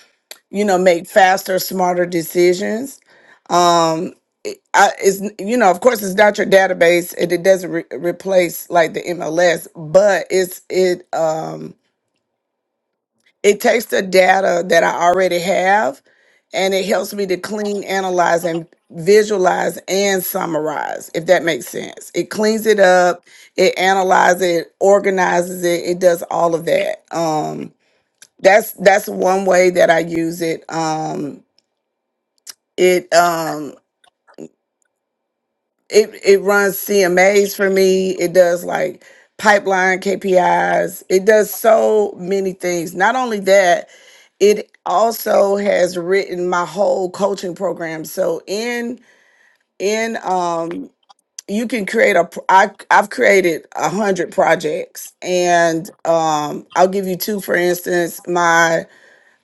Speaker 10: you know make faster smarter decisions um I, it's you know of course it's not your database and it doesn't re- replace like the mls but it's it um it takes the data that I already have and it helps me to clean, analyze, and visualize and summarize, if that makes sense. It cleans it up, it analyzes it, organizes it, it does all of that. Um that's that's one way that I use it. Um it um it it runs CMAs for me. It does like pipeline KPIs. It does so many things. Not only that, it also has written my whole coaching program. So in in um you can create a pro- I, i've created a hundred projects and um, i'll give you two for instance my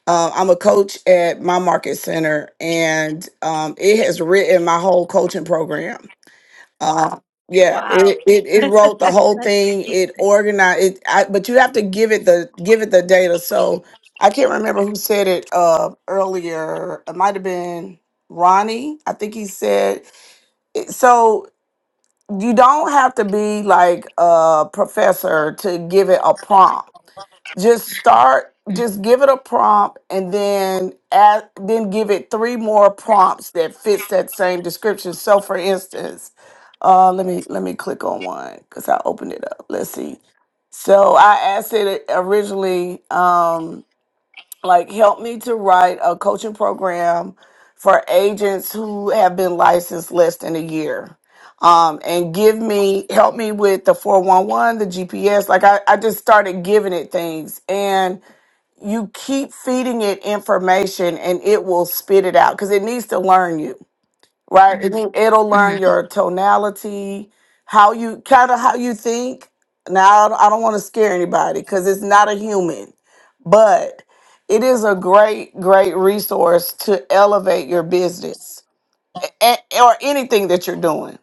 Speaker 10: uh, i'm a coach at my market center and um, it has written my whole coaching program uh, yeah,
Speaker 1: wow
Speaker 10: it, it
Speaker 1: [laughs]
Speaker 10: it
Speaker 1: that's
Speaker 10: wrote the whole thing. It
Speaker 1: amazing
Speaker 10: organized it, I, but you have to give it the give it the data. So I can't remember who said it uh, earlier. It might have been Ronnie. I think he said so. You don't have to be like a professor to give it a prompt just start just give it a prompt and then add, then give it three more prompts that fits that same description so for instance uh, let me let me click on one because i opened it up let's see so i asked it originally um, like help me to write a coaching program for agents who have been licensed less than a year um, and give me help me with the 411 the gps like I, I just started giving it things and you keep feeding it information and it will spit it out because it needs to learn you right it, Mhm. it'll
Speaker 1: hmm
Speaker 10: learn your tonality how you kind of how you think now i don't, I don't want to scare anybody because it's not a human but it is a great great resource to elevate your business a- a- or anything that you're doing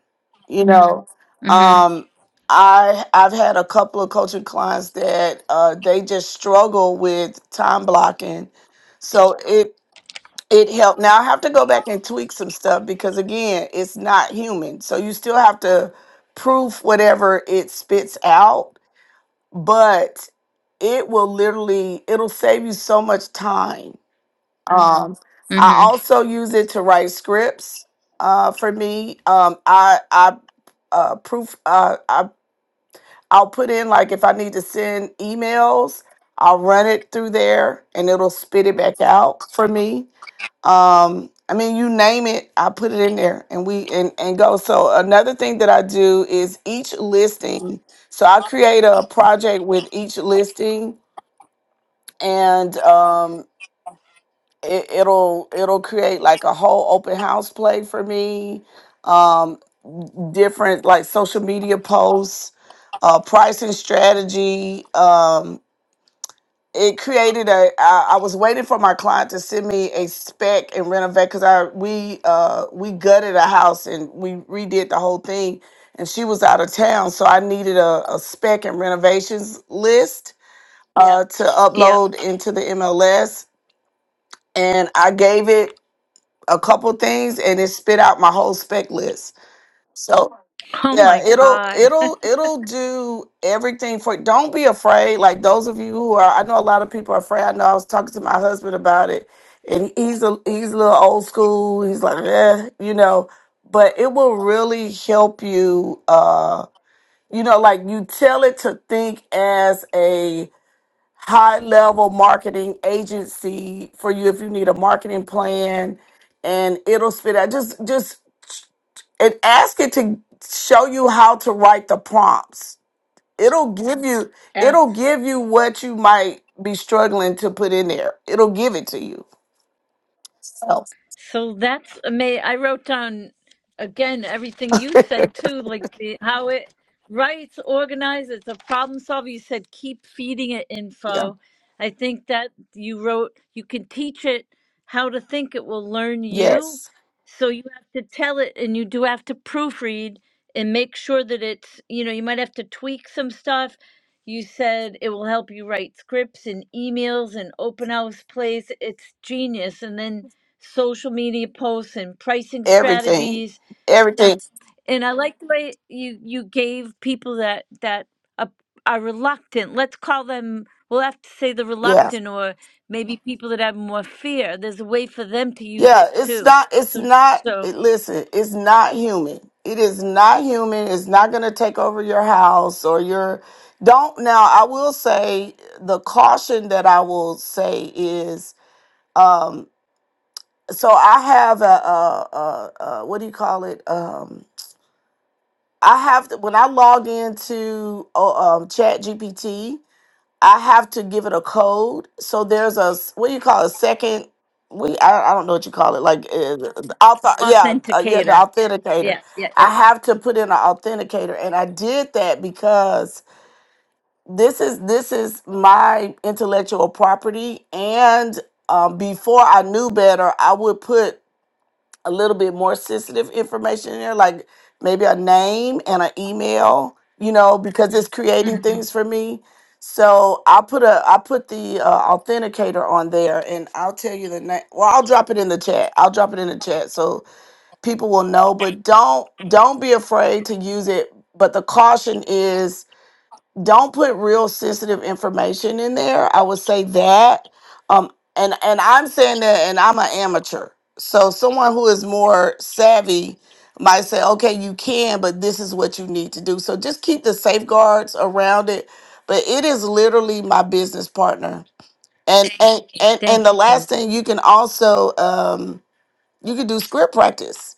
Speaker 10: you Mhm. know
Speaker 1: hmm
Speaker 10: um i i've had a couple of coaching clients that uh they just struggle with time blocking so it it helped now i have to go back and tweak some stuff because again it's not human so you still have to proof whatever it spits out but it will literally it'll save you so much time um, I
Speaker 1: hmm
Speaker 10: also use it to write scripts. Uh, for me, um, I I uh, proof uh, I I'll put in like if I need to send emails, I'll run it through there and it'll spit it back out for me. Um, I mean, you name it, I put it in there and we and and go. So another thing that I do is each listing. So I create a project with each listing and um. it, it'll it'll create like a whole open house play for me um different like social media posts uh pricing strategy um it created a I, I was waiting for my client to send me a spec and renovate because i we uh we gutted a house and we redid the whole thing and she was out of town so i needed a, a spec and renovations list uh, to
Speaker 1: yep
Speaker 10: upload into the mls and i gave it a couple things and it spit out my whole spec list. So
Speaker 1: oh
Speaker 10: yeah,
Speaker 1: my
Speaker 10: it'll
Speaker 1: god [laughs]
Speaker 10: it'll it'll do everything for don't be afraid. Like those of you who are I know a lot of people are afraid. I know I was talking to my husband about it and he's a he's a little old school. He's like, eh, you know, but it will really help you uh you know, like you tell it to think as a high level marketing agency for you if you need a marketing plan and it'll spit out just just and ask it to show you how to write the prompts it'll give you it'll
Speaker 1: Absolutely.
Speaker 10: give you what you might be struggling to put in there it'll give it to you so
Speaker 1: So that's amazing. I wrote down again everything you said too, like the how it writes, organizes, it's a problem solver. You said keep feeding it
Speaker 10: yeah
Speaker 1: info. I think that you wrote you can teach it how to think. It will learn you.
Speaker 10: yes
Speaker 1: So you have to tell it, and you do have to proofread and make sure that it's you know you might have to tweak some stuff. You said it will help you write scripts and emails and open house plays. It's genius, and then social media posts and pricing
Speaker 10: everything
Speaker 1: strategies and
Speaker 10: everything
Speaker 1: and I like the way you you gave people that that are, are reluctant. Let's call them we'll have to say the
Speaker 10: Yeah.
Speaker 1: reluctant or maybe people that have more fear. There's a way for them to use
Speaker 10: Yeah,
Speaker 1: it
Speaker 10: it's
Speaker 1: too.
Speaker 10: not, it's
Speaker 1: So
Speaker 10: not,
Speaker 1: so
Speaker 10: it, listen, it's not human. It is not human. It's not going to take over your house or your, don't. Now, I will say the caution that I will say is, um, so I have a, a, a, a what do you call it? Um, I have to, when I log into uh, um, Chat GPT, I have to give it a code. So there's a s- what do you call a second? We I, I don't know what you call it. Like uh, the auth- yeah uh, yeah the
Speaker 1: authenticator.
Speaker 10: authenticator.
Speaker 1: Yeah, yeah, yeah.
Speaker 10: I have to put in an authenticator, and I did that because this is this is my intellectual property. And um, before I knew better, I would put a little bit more sensitive information in there, like maybe a name and an email, you know, because it's creating
Speaker 1: hmm
Speaker 10: things for me. So I put a I put the uh, authenticator on there, and I'll tell you the name. Well, I'll drop it in the chat. I'll drop it in the chat so people will know. But don't don't be afraid to use it. But the caution is don't put real sensitive information in there. I would say that. Um, and and I'm saying that, and I'm an amateur. So someone who is more savvy might say, okay, you can, but this is what you need to do. So just keep the safeguards around it. But it is literally my business partner. And and and and
Speaker 1: Thank
Speaker 10: the
Speaker 1: you. Amy.
Speaker 10: last thing you can also um you can do script practice.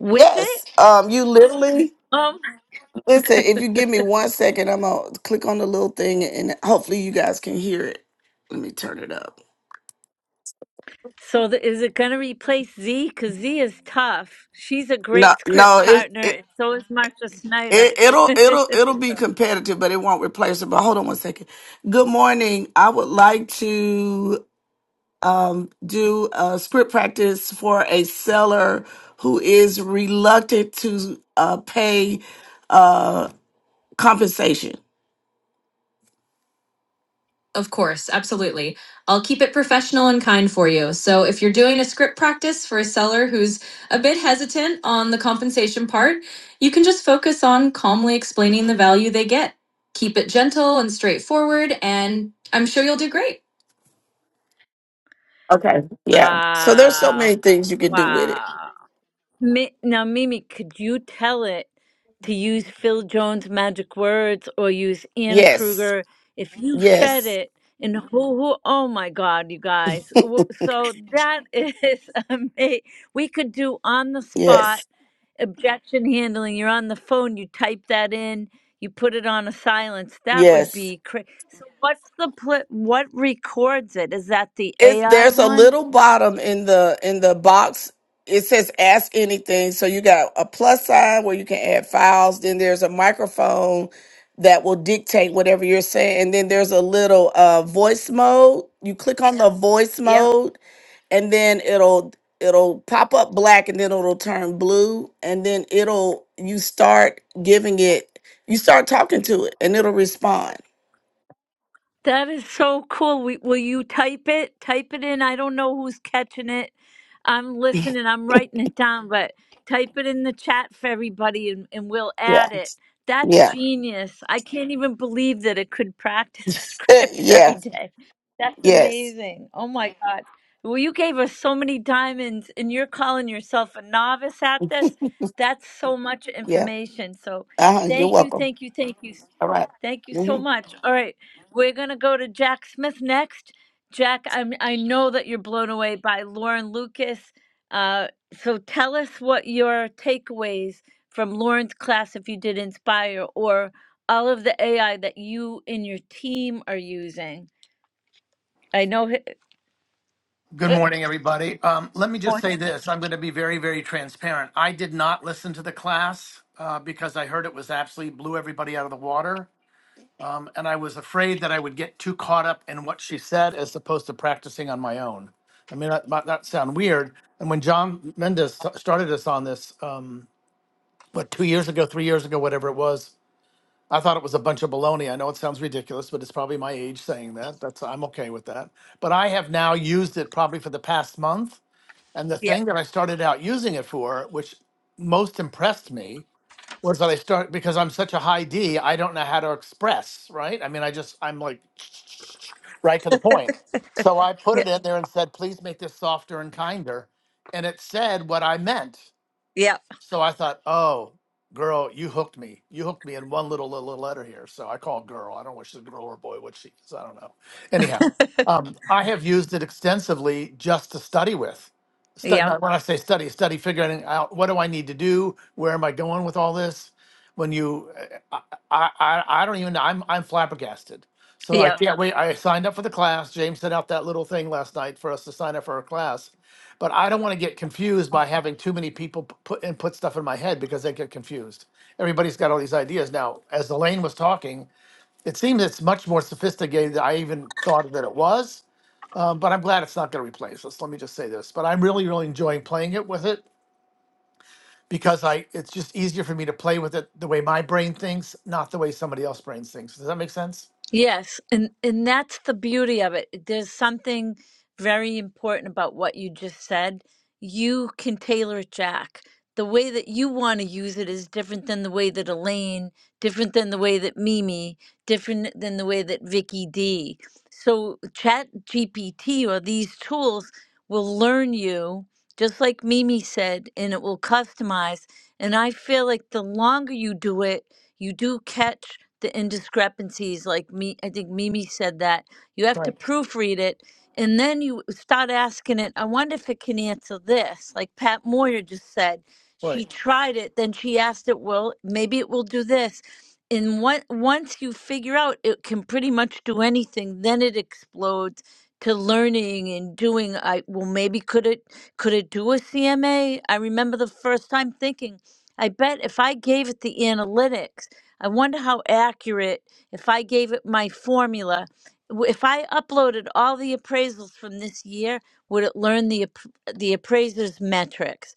Speaker 1: With it?
Speaker 10: Yes. Um you literally
Speaker 1: Um
Speaker 10: Listen, if you give me one second, I'm gonna click on the little thing, and hopefully you guys can hear it. Let me turn it up.
Speaker 1: so the, is it going to replace Z cuz Z is tough. She's a
Speaker 10: No,
Speaker 1: great script
Speaker 10: no, it,
Speaker 1: partner
Speaker 10: it
Speaker 1: and so is Marsha Snyder.
Speaker 10: it it'll it'll
Speaker 1: [laughs]
Speaker 10: it'll be competitive, but it won't replace it. But hold on one second. Good morning. I would like to um, do a script practice for a seller who is reluctant to uh, pay uh, compensation. Of course, absolutely. I'll keep it professional and kind for you. So, if you're doing a script practice for a seller who's a bit hesitant on the compensation part, you can just focus on calmly explaining the value they get. Keep it gentle and straightforward, and I'm sure you'll do great. Okay. Yeah. So there's so
Speaker 1: Wow.
Speaker 10: many things you can do with it.
Speaker 1: Wow. Mi now, Mimi, could you tell it to use Phil Jones' magic words or use Anna
Speaker 10: Yes.
Speaker 1: Kruger? If you fed
Speaker 10: Yes.
Speaker 1: it and who, who, oh my God, you guys. W- So that is [laughs] amazing. We could do on the spot
Speaker 10: Yes.
Speaker 1: objection handling. You're on the phone, you type that in, you put it on a silence. That would
Speaker 10: Yes.
Speaker 1: be crazy. So, what's the pl- what records it? Is that the
Speaker 10: it's
Speaker 1: AI
Speaker 10: there's a
Speaker 1: one?
Speaker 10: little bottom in the in the box it says ask anything so you got a plus sign where you can add files then there's a microphone that will dictate whatever you're saying and then there's a little uh voice mode you click on the voice
Speaker 1: Yep.
Speaker 10: mode and then it'll it'll pop up black and then it'll turn blue and then it'll you start giving it you start talking to it and it'll respond
Speaker 1: That is so cool. We, will you type it? Type it in. I don't know who's catching it. I'm listening. I'm writing it down, but type it in the chat for everybody and, and we'll
Speaker 10: yeah
Speaker 1: add it. That's
Speaker 10: yeah
Speaker 1: genius. I can't even believe that it could practice [laughs]
Speaker 10: Eh,
Speaker 1: scripts every
Speaker 10: yeah
Speaker 1: day. That's
Speaker 10: yes
Speaker 1: amazing. Oh my God. Well, you gave us so many diamonds and you're calling yourself a novice at this. That's so much
Speaker 10: yeah
Speaker 1: information. So
Speaker 10: Uh-huh, you're
Speaker 1: thank you,
Speaker 10: welcome.
Speaker 1: thank you, thank you.
Speaker 10: All right.
Speaker 1: Thank you
Speaker 10: Mhm.
Speaker 1: so much. All right, we're gonna go to Jack Smith next. Jack, I'm I know that you're blown away by Lauren Lucas. Uh, so tell us what your takeaways from Lauren's class, if you did Inspire, or all of the AI that you and your team are using. I know. hi-
Speaker 11: Good
Speaker 1: Uh,
Speaker 11: morning, everybody. Um, let me just
Speaker 1: Lauren.
Speaker 11: say this. I'm going to be very, very transparent. I did not listen to the class uh, because I heard it was absolutely blew everybody out of the water. Um, and I was afraid that I would get too caught up in what she said as opposed to practicing on my own. I mean, that might not sound weird. And when John Mendes t- started us on this, um, what, two years ago, three years ago, whatever it was, I thought it was a bunch of baloney. I know it sounds ridiculous, but it's probably my age saying that. That's I'm okay with that. But I have now used it probably for the past month and the
Speaker 1: Yeah,
Speaker 11: thing that I started out using it for, which most impressed me, was that I start because I'm such a high D, I don't know how to express, right? I mean, I just, I'm like [tsk] right to the point. So I put
Speaker 1: yeah,
Speaker 11: it in there and said, please make this softer and kinder. And it said what I meant.
Speaker 1: yeah,
Speaker 11: So I thought, oh, girl, you hooked me. You hooked me in one little little letter here. So I call girl. I don't know if she's a girl or a boy, what she is. I don't know. Anyhow, um, I have used it extensively just to study with. Stu-
Speaker 1: yeah.
Speaker 11: not when I say study, study figuring out what do I need to do? Where am I going with all this? When you, I, I, I I don't even know. I'm, I'm flabbergasted. So
Speaker 1: yeah.
Speaker 11: I can't wait. I signed up for the class. James sent out that little thing last night for us to sign up for a class but I don't want to get confused by having too many people p- put and put stuff in my head because they get confused. Everybody's got all these ideas now. As Elaine was talking, it seems it's much more sophisticated than I even thought that it was. Um, but I'm glad it's not going to replace us. Let me just say this. But I'm really, really enjoying playing it with it because I it's just easier for me to play with it the way my brain thinks, not the way somebody else's brain thinks. Does that make sense?
Speaker 1: Yes, and and that's the beauty of it. There's something very important about what you just said. You can tailor it, Jack. The way that you want to use it is different than the way that Elaine, different than the way that Mimi, different than the way that Vicky D. So Chat GPT or these tools will learn you, just like Mimi said, and it will customize. And I feel like the longer you do it, you do catch the indiscrepancies like me i think mimi said that you have to
Speaker 11: Right.
Speaker 1: proofread it and then you start asking it i wonder if it can answer this like pat moyer just said she
Speaker 11: Right.
Speaker 1: tried it then she asked it well maybe it will do this and what, once you figure out it can pretty much do anything then it explodes to learning and doing i well maybe could it could it do a cma i remember the first time thinking I bet if I gave it the analytics, I wonder how accurate, if I gave it my formula, w- if I uploaded all the appraisals from this year, would it learn the, app- the appraiser's metrics?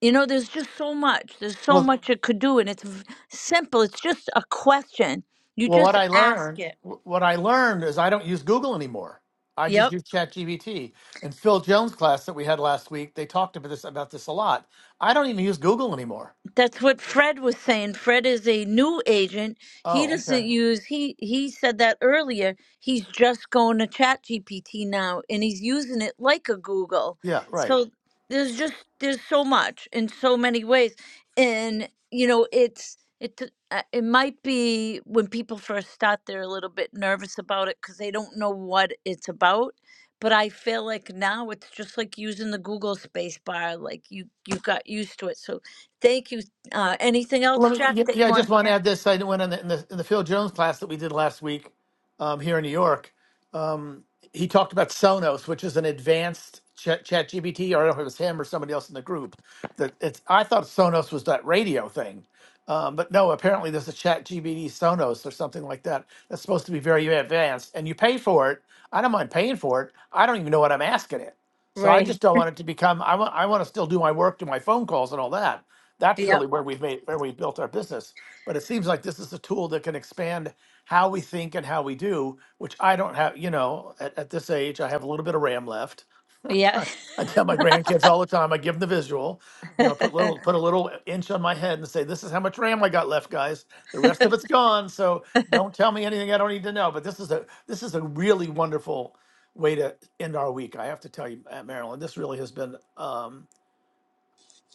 Speaker 1: You know, there's just so much. There's so
Speaker 11: Well,
Speaker 1: much it could do, and it's v- simple. It's just a question. You
Speaker 11: Well, what
Speaker 1: just
Speaker 11: I
Speaker 1: ask
Speaker 11: learned,
Speaker 1: it.
Speaker 11: what I learned is I don't use Google anymore. I
Speaker 1: Yep.
Speaker 11: just use ChatGPT. And Phil Jones' class that we had last week, they talked about this about this a lot. I don't even use Google anymore.
Speaker 1: That's what Fred was saying. Fred is a new agent. He
Speaker 11: Oh,
Speaker 1: doesn't
Speaker 11: okay.
Speaker 1: use he he said that earlier. He's just going to Chat GPT now and he's using it like a Google.
Speaker 11: Yeah, right.
Speaker 1: So there's just there's so much in so many ways. And you know, it's it t- uh, it might be when people first start they're a little bit nervous about it cuz they don't know what it's about. But I feel like now it's just like using the Google space bar like you you got used to it. So thank you uh, anything
Speaker 11: Let
Speaker 1: else,
Speaker 11: me,
Speaker 1: Jack,
Speaker 11: yeah,
Speaker 1: that
Speaker 11: yeah,
Speaker 1: you
Speaker 11: I just
Speaker 1: want
Speaker 11: want
Speaker 1: to
Speaker 11: to
Speaker 1: add?
Speaker 11: add this. I went in the, in the in the Phil Jones class that we did last week um, here in New York. Um, he talked about Sonos, which is an advanced chat, chat GBT, or I don't know if it was him or somebody else in the group. That it's. I thought Sonos was that radio thing, um, but no. Apparently, there's a Chat GPT Sonos or something like that that's supposed to be very advanced, and you pay for it. I don't mind paying for it. I don't even know what I'm asking it so I
Speaker 1: Right.
Speaker 11: just don't want it to become. I want. I want to still do my work, do my phone calls, and all that. That's
Speaker 1: Yep.
Speaker 11: really where we've made where we've built our business. But it seems like this is a tool that can expand how we think and how we do, which I don't have. You know, at, at this age, I have a little bit of RAM left
Speaker 1: Yeah.
Speaker 11: I tell my grandkids all the time, I give them the visual, you know, put
Speaker 1: [laughs]
Speaker 11: little put a little inch on my head and say, This is how much RAM I got left, guys. The rest of it's gone. So don't tell me anything I don't need to know. But this is a this is a really wonderful way to end our week. I have to tell you, uh, Marilyn, this really has been um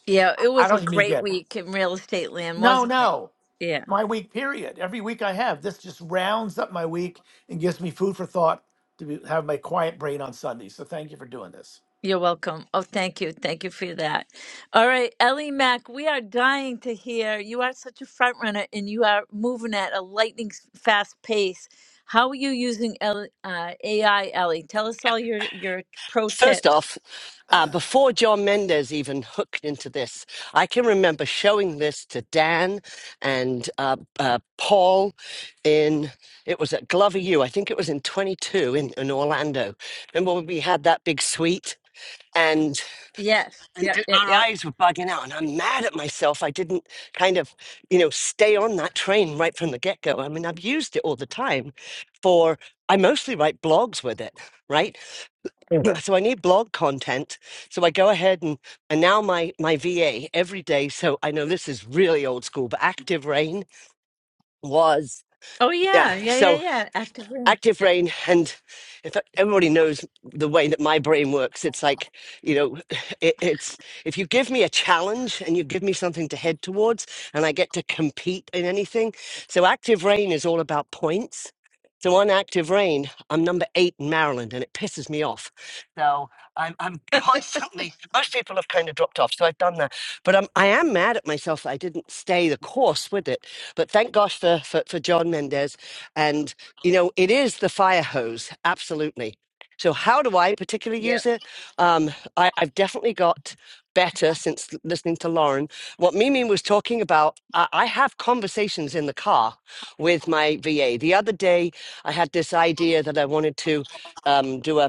Speaker 1: yeah. It
Speaker 11: I
Speaker 1: was a
Speaker 11: don't even
Speaker 1: great
Speaker 11: get
Speaker 1: week in real estate land,
Speaker 11: no,
Speaker 1: wasn't it?
Speaker 11: no.
Speaker 1: Yeah.
Speaker 11: My week period. Every week I have. This just rounds up my week and gives me food for thought to be, have my quiet brain on Sunday. So thank you for doing this.
Speaker 1: You're welcome. Oh, thank you. Thank you for that. All right, Ellie Mack, we are dying to hear. You are such a front runner and you are moving at a lightning s- fast pace. How are you using Ellie, uh, AI, Ellie? Tell us all your, your pro
Speaker 12: First
Speaker 1: tips.
Speaker 12: off, uh, before John Mendez even hooked into this, I can remember showing this to Dan and uh, uh, Paul in, it was at Glover U, I think it was in 22 in, in Orlando. Remember when we had that big suite? And,
Speaker 1: Yes.
Speaker 12: and
Speaker 1: Yep.
Speaker 12: and
Speaker 1: Yep.
Speaker 12: our
Speaker 1: Yep.
Speaker 12: eyes were bugging out, and I'm mad at myself. I didn't kind of, you know, stay on that train right from the get go. I mean, I've used it all the time for, I mostly write blogs with it, right? Mm. [clears throat] so I need blog content. So I go ahead and and now my my VA every day. So I know this is really old school, but Active Rain was
Speaker 1: Oh,
Speaker 12: yeah.
Speaker 1: yeah. Yeah.
Speaker 12: So
Speaker 1: Yeah. Yeah. Active.
Speaker 12: active
Speaker 1: Yeah.
Speaker 12: brain and if everybody knows the way that my brain works it's like you know [laughs] it, it's if you give me a challenge and you give me something to head towards and i get to compete in anything so active rain is all about points so on active rain i'm number eight in maryland and it pisses me off so i'm, I'm [laughs] constantly most people have kind of dropped off so i've done that but I'm, i am mad at myself that i didn't stay the course with it but thank gosh for for, for john mendez and you know, it is the fire hose, absolutely. So, how do I
Speaker 1: [laughs]
Speaker 12: particularly
Speaker 1: Yep.
Speaker 12: use it? Um, I, I've definitely got better since l- listening to Lauren. What Mimi was talking about, I, I have conversations in the car with my VA. The other day, I had this idea that I wanted to um, do a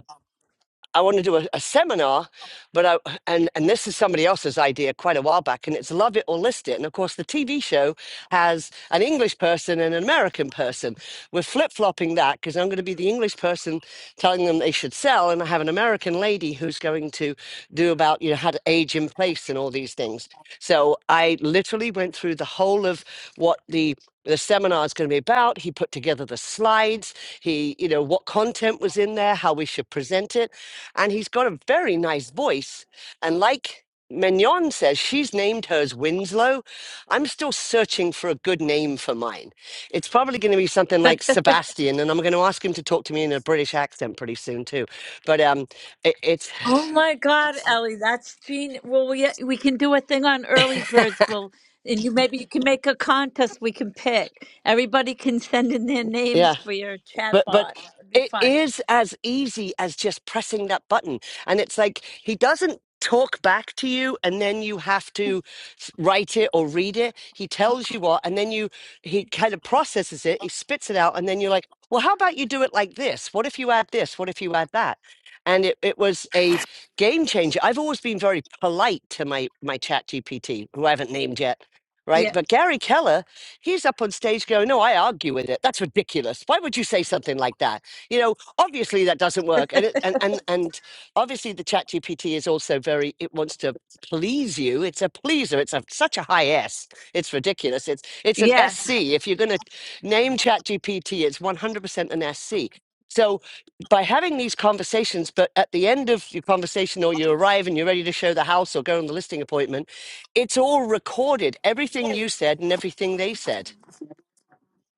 Speaker 12: I want to do a, a seminar, but I, and and this is somebody else's idea quite a while back, and it's love it or list it. And of course, the TV show has an English person and an American person. We're flip flopping that because I'm going to be the English person telling them they should sell, and I have an American lady who's going to do about you know how to age in place and all these things. So I literally went through the whole of what the the seminar is going to be about. He put together the slides. He, you know, what content was in there, how we should present it and he's got a very nice voice. And like Mignon says, she's named hers Winslow. I'm still searching for a good name for mine. It's probably going to be something like Sebastian, and I'm going to ask him to talk to me in a British accent pretty soon too. But um, it, it's
Speaker 1: Oh my God, Ellie, that's genius. Well, we we can do a thing on early birds. Well, and you maybe you can make a contest. We can pick. Everybody can send in their
Speaker 12: yeah.
Speaker 1: names for your chat
Speaker 12: but but
Speaker 1: bot. That would be
Speaker 12: it
Speaker 1: fun.
Speaker 12: is as easy as just pressing that button and it's like he doesn't talk back to you and then you have to s- write it or read it he tells you what and then you he kind of processes it he spits it out and then you're like well how about you do it like this what if you add this what if you add that and it, it was a game changer i've always been very polite to my my chat gpt who i haven't named yet right
Speaker 1: Yeah.
Speaker 12: but gary keller He's up on stage going, No, I argue with it. That's ridiculous. Why would you say something like that? You know, obviously that doesn't work. And it, and, and and obviously the chat GPT is also very it wants to please you. It's a pleaser. It's a such a high S. It's ridiculous. It's it's an SC.
Speaker 1: Yes.
Speaker 12: If you're gonna name chat GPT, it's 100 percent an SC. So by having these conversations, but at the end of your conversation or you arrive and you're ready to show the house or go on the listing appointment, it's all recorded everything you said and everything they said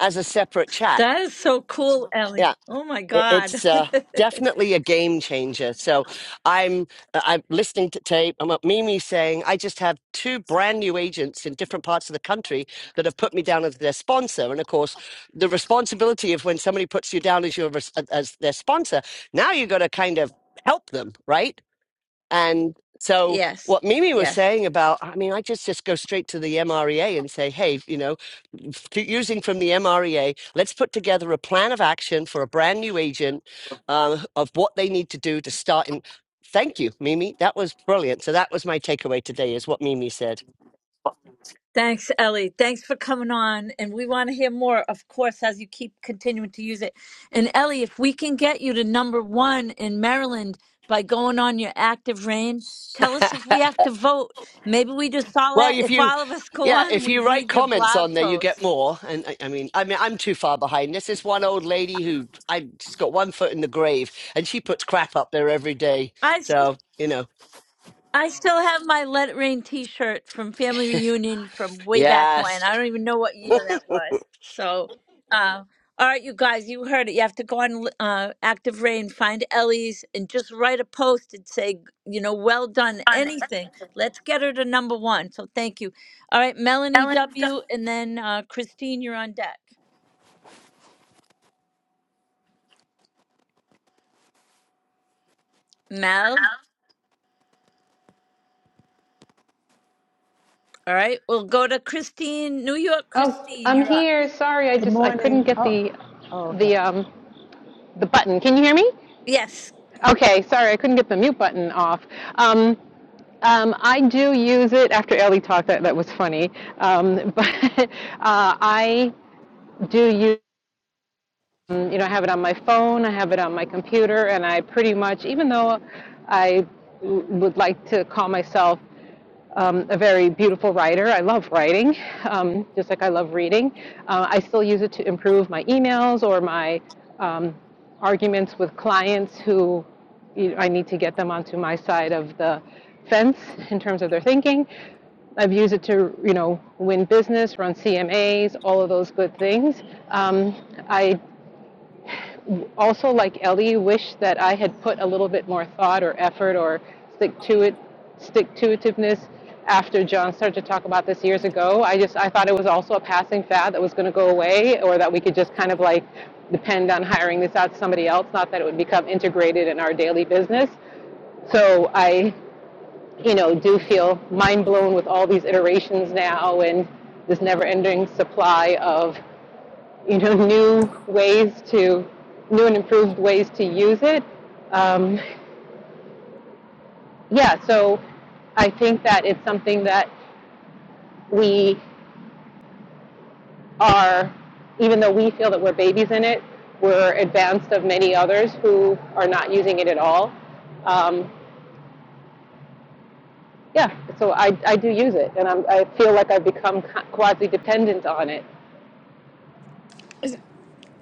Speaker 12: as a separate chat.
Speaker 1: That is so cool, Ellie.
Speaker 12: Yeah,
Speaker 1: Oh my
Speaker 12: it,
Speaker 1: God.
Speaker 12: it's
Speaker 1: [laughs]
Speaker 12: uh, definitely a game changer. So I'm uh, I'm listening to tape. I'm at Mimi saying I just have two brand new agents in different parts of the country that have put me down as their sponsor. And of course, the responsibility of when somebody puts you down as your res- as their sponsor, now you have got to kind of help them, right? And so
Speaker 1: Yes.
Speaker 12: what Mimi was
Speaker 1: Yes.
Speaker 12: saying about, I mean, I just just go straight to the MREA and say, hey, you know, f- to- using from the MREA, let's put together a plan of action for a brand new agent uh, of what they need to do to start. And thank you, Mimi. That was brilliant. So that was my takeaway today is what Mimi said.
Speaker 1: Thanks, Ellie. Thanks for coming on. And we want to hear more, of course, as you keep continuing to use it. And Ellie, if we can get you to number one in Maryland by going on your active reign, tell us
Speaker 12: [laughs]
Speaker 1: if we have to vote. Maybe we just all
Speaker 12: Well,
Speaker 1: have,
Speaker 12: if
Speaker 1: if
Speaker 12: you,
Speaker 1: all of us go
Speaker 12: yeah,
Speaker 1: on and
Speaker 12: if
Speaker 1: we
Speaker 12: you write
Speaker 1: read your
Speaker 12: comments
Speaker 1: blog
Speaker 12: on there, you get
Speaker 1: post.
Speaker 12: more. And I, I mean, I mean, I'm too far behind. This is one old lady who I she's got one foot in the grave, and she puts crap up there every day.
Speaker 1: I.
Speaker 12: So you know,
Speaker 1: I still have my Let It Rain T-shirt from family reunion from way back
Speaker 12: yes,
Speaker 1: when. I don't even know what year that was. So, uh, all right, you guys, you heard it. You have to go on uh, Active Rain, find Ellie's, and just write a post and say, you know, well done.
Speaker 11: Ellen,
Speaker 1: Anything. Let's get her to number one. So, thank you. All right, Melanie
Speaker 11: Ellen, you've done.
Speaker 1: W, and then uh, Christine, you're on deck. Mel. All right, we'll go to Christine, New York.
Speaker 13: Oh,
Speaker 1: Christine,
Speaker 13: I'm
Speaker 1: you're up.
Speaker 13: here. Sorry, I
Speaker 14: Good
Speaker 13: just I couldn't
Speaker 14: morning.
Speaker 13: get
Speaker 14: Oh,
Speaker 13: the
Speaker 14: oh, okay.
Speaker 13: the um the button. Can you hear me?
Speaker 1: Yes.
Speaker 13: Okay, sorry, I couldn't get the mute button off. Um, um, I do use it after Ellie talked. That that was funny. Um, but [laughs] uh, I do use. um, You know, I have it on my phone. I have it on my computer, and I pretty much, even though I w- would like to call myself um, a very beautiful writer. I love writing, um, just like I love reading. Uh, I still use it to improve my emails or my um, arguments with clients who you know, I need to get them onto my side of the fence in terms of their thinking. I've used it to, you know, win business, run CMAs, all of those good things. Um, I also, like Ellie, wish that I had put a little bit more thought or effort or stick to it, stick to itiveness after John started to talk about this years ago. I just I thought it was also a passing fad that was going to go away, or that we could just kind of like depend on hiring this out to somebody else. Not that it would become integrated in our daily business. So I, you know, do feel mind blown with all these iterations now and this never-ending supply of you know, new ways to, new and improved ways to use it. Um, yeah, so I think that it's something that we are, even though we feel that we're babies in it, we're advanced of many others who are not using it at all. Um, yeah, so I, I do use it, and I'm, I feel like I've become quasi dependent on it.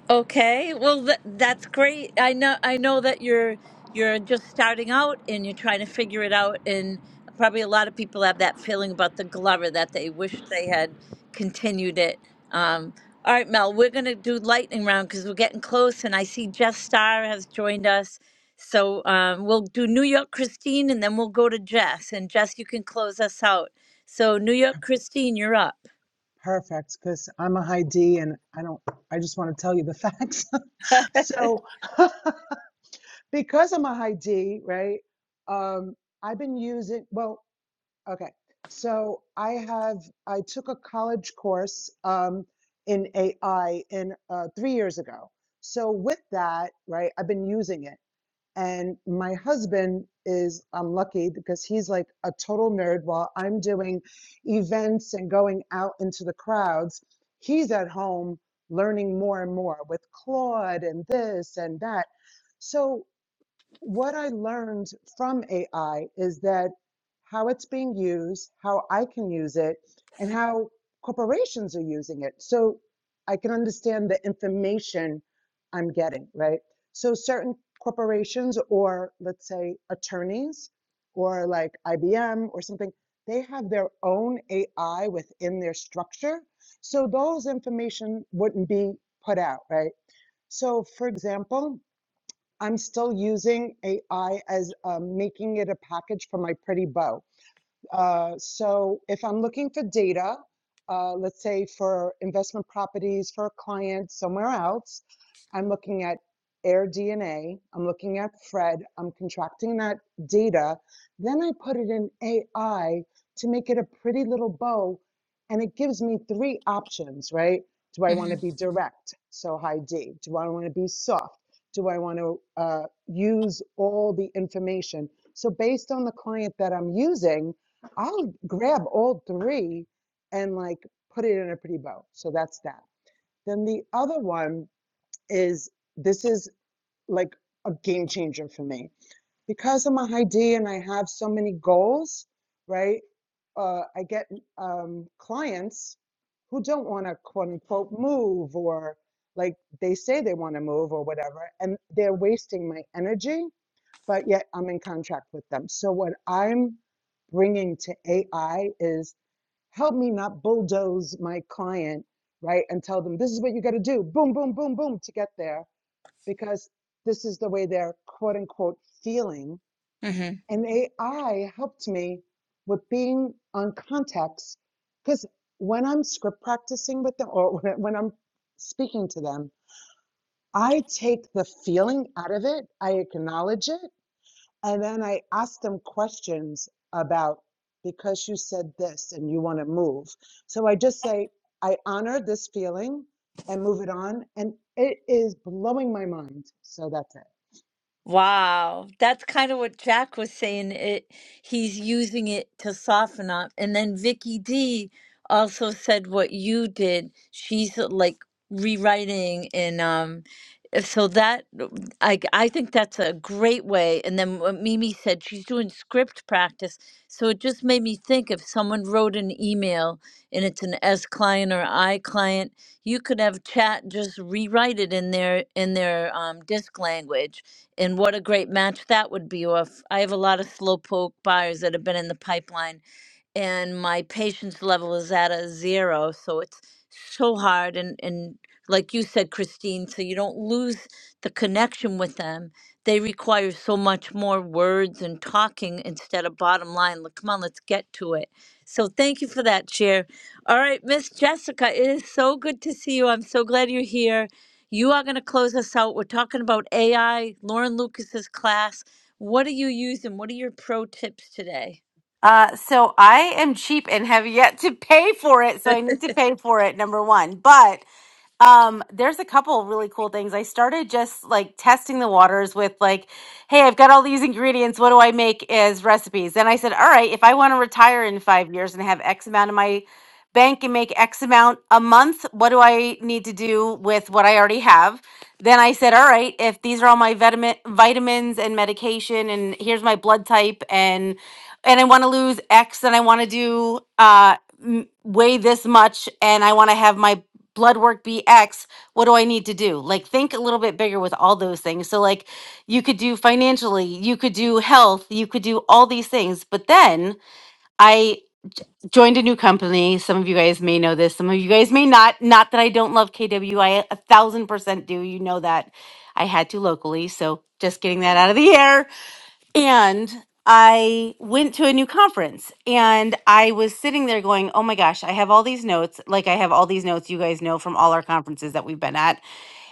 Speaker 1: Okay, well th that's great. I know I know that you're you're just starting out and you're trying to figure it out and probably a lot of people have that feeling about the Glover that they wish they had continued it. Um, all right, Mel, we're going to do lightning round because we're getting close and I see Jeff Starr has joined us. So um, we'll do New York Christine and then we'll go to Jess and Jess you can close us out. So New York Christine, you're up.
Speaker 14: Perfect. Because I'm a high D and I don't, I just want to tell you the facts. [laughs]
Speaker 1: [laughs]
Speaker 14: so, [laughs] because I'm a high D, right? Um, I've been using, well, okay. So, I have, I took a college course um, in AI in uh, three years ago. So, with that, right, I've been using it. And my husband is, I'm lucky because he's like a total nerd while I'm doing events and going out into the crowds. He's at home learning more and more with Claude and this and that. So what I learned from AI is that how it's being used, how I can use it, and how corporations are using it. So I can understand the information I'm getting, right? So certain corporations, or let's say attorneys, or like IBM or something, they have their own AI within their structure. So those information wouldn't be put out, right? So, for example, I'm still using AI as um, making it a package for my pretty bow. Uh, So if I'm looking for data, uh, let's say for investment properties for a client somewhere else, I'm looking at Air DNA, I'm looking at Fred, I'm contracting that data. Then I put it in AI to make it a pretty little bow, and it gives me three options, right? Do I want to be direct? So high D. Do I want to be soft? Do I want to uh, use all the information? So based on the client that I'm using, I'll grab all three and like put it in a pretty bow. So that's that. Then the other one is this is like a game changer for me because I'm a high D and I have so many goals, right? Uh, I get um, clients who don't want to quote unquote move or like they say they want to move or whatever, and they're wasting my energy, but yet I'm in contract with them. So what I'm bringing to AI is help me not bulldoze my client, right? And tell them this is what you got to do, boom, boom, boom, boom, to get there, because this is the way they're quote unquote feeling.
Speaker 1: hmm
Speaker 14: And AI helped me with being on context, because when I'm script practicing with them or when I'm speaking to them, I take the feeling out of it, I acknowledge it, and then I asked them questions about because you said this and you want to move. So I just say, I honor this feeling and move it on. And it is blowing my mind. So that's it.
Speaker 1: Wow, that's kind of what Jack was saying. It he's using it to soften up, and then Vicky D also said what you did. She's uh, like rewriting, and um, so that uh, I I think that's a great way. And then what Mimi said, she's doing script practice, so it just made me think if someone wrote an email and it's an S client or I client, you could have chat just rewrite it in their in their um, disc language and what a great match that would be off. I have a lot of slowpoke buyers that have been in the pipeline and my patience level is at a zero. So it's so hard. And, and like you said, Christine, so you don't lose the connection with them. They require so much more words and talking instead of bottom line. Like, come on, let's get to it. So thank you for that, Chair. All right, Miss Jessica, it is so good to see you. I'm so glad you're here. You are going to close us out. We're talking about AI, Lauren Lucas's class. What are you using? What are your pro tips today?
Speaker 15: Uh, so I am cheap and have yet to pay for it, so I need to pay for it, number one. But um, there's a couple of really cool things. I started just like testing the waters with like, hey, I've got all these ingredients. What do I make as recipes? Then I said, all right, if I want to retire in five years and have X amount in my bank and make X amount a month, what do I need to do with what I already have? Then I said, all right, if these are all my vitamin vitamins and medication, and here's my blood type and and I want to lose X and I want to do uh m- weigh this much and I want to have my blood work be X, what do I need to do? Like think a little bit bigger with all those things. So like you could do financially, you could do health, you could do all these things. But then I joined a new company. Some of you guys may know this, some of you guys may not. Not that I don't love KW, I a thousand percent do. You know that I had to locally. So just getting that out of the air. And I went to a new conference and I was sitting there going, oh my gosh, I have all these notes. Like, I have all these notes you guys know from all our conferences that we've been at.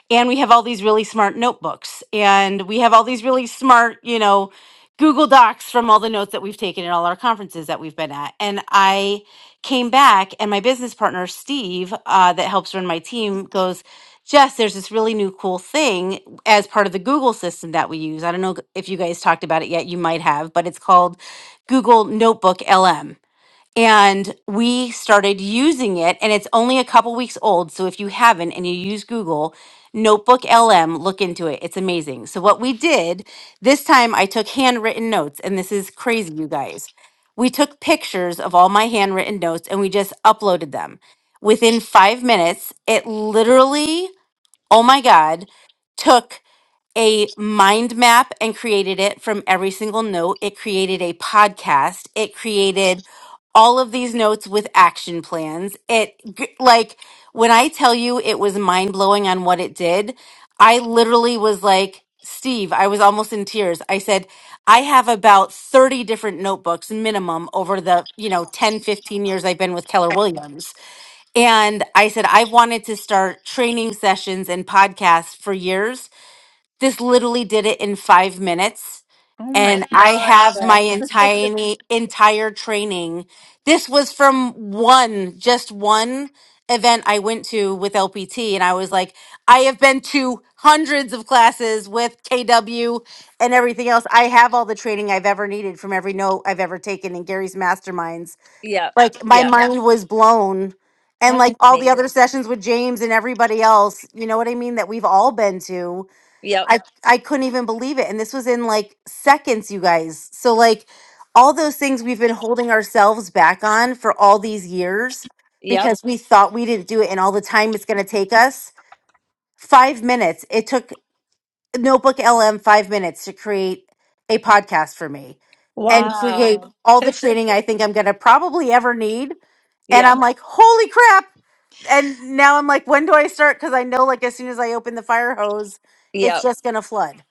Speaker 15: And we have all these really smart notebooks and we have all these really smart, you know. Google Docs from all the notes that we've taken at all our conferences that we've been at. And I came back, and my business partner, Steve, uh, that helps run my team, goes, Jess, there's this really new cool thing as part of the Google system that we use. I don't know if you guys talked about it yet, you might have, but it's called Google Notebook LM. And we started using it, and it's only a couple weeks old. So if you haven't and you use Google Notebook LM, look into it. It's amazing. So, what we did this time, I took handwritten notes, and this is crazy, you guys. We took pictures of all my handwritten notes and we just uploaded them. Within five minutes, it literally, oh my God, took a mind map and created it from every single note. It created a podcast. It created all of these notes with action plans. It g- like when I tell you it was mind blowing on what it did, I literally was like, Steve, I was almost in tears. I said, I have about 30 different notebooks minimum over the, you know, 10 15 years I've been with Keller Williams. And I said, I've wanted to start training sessions and podcasts for years this literally did it in five minutes.
Speaker 1: Oh my
Speaker 15: And I
Speaker 1: God.
Speaker 15: have my
Speaker 1: Yeah,
Speaker 15: entire entire training. This was from one, just one event I went to with LPT, and I was like, I have been to hundreds of classes with KW and everything else. I have all the training I've ever needed from every note I've ever taken in Gary's masterminds.
Speaker 1: Yep.
Speaker 15: Like my Yeah.
Speaker 1: Yep.
Speaker 15: mind was blown. And
Speaker 1: That's
Speaker 15: like all the
Speaker 1: amazing.
Speaker 15: other sessions with James and everybody else, you know what I mean, that we've all been to
Speaker 1: Yep.
Speaker 15: I I couldn't even believe it and this was in like seconds you guys. So like all those things we've been holding ourselves back on for all these years
Speaker 1: Yep.
Speaker 15: because we thought we didn't do it and all the time it's going to take us. 5 minutes. It took Notebook LM 5 minutes to create a podcast for me and
Speaker 1: Wow.
Speaker 15: create Wow. all the training I think I'm going to probably ever need and
Speaker 1: Yep.
Speaker 15: I'm like, "Holy crap." And now I'm like, "When do I start?" cuz I know like as soon as I open the fire hose,
Speaker 1: Yep.
Speaker 15: it's just going to flood.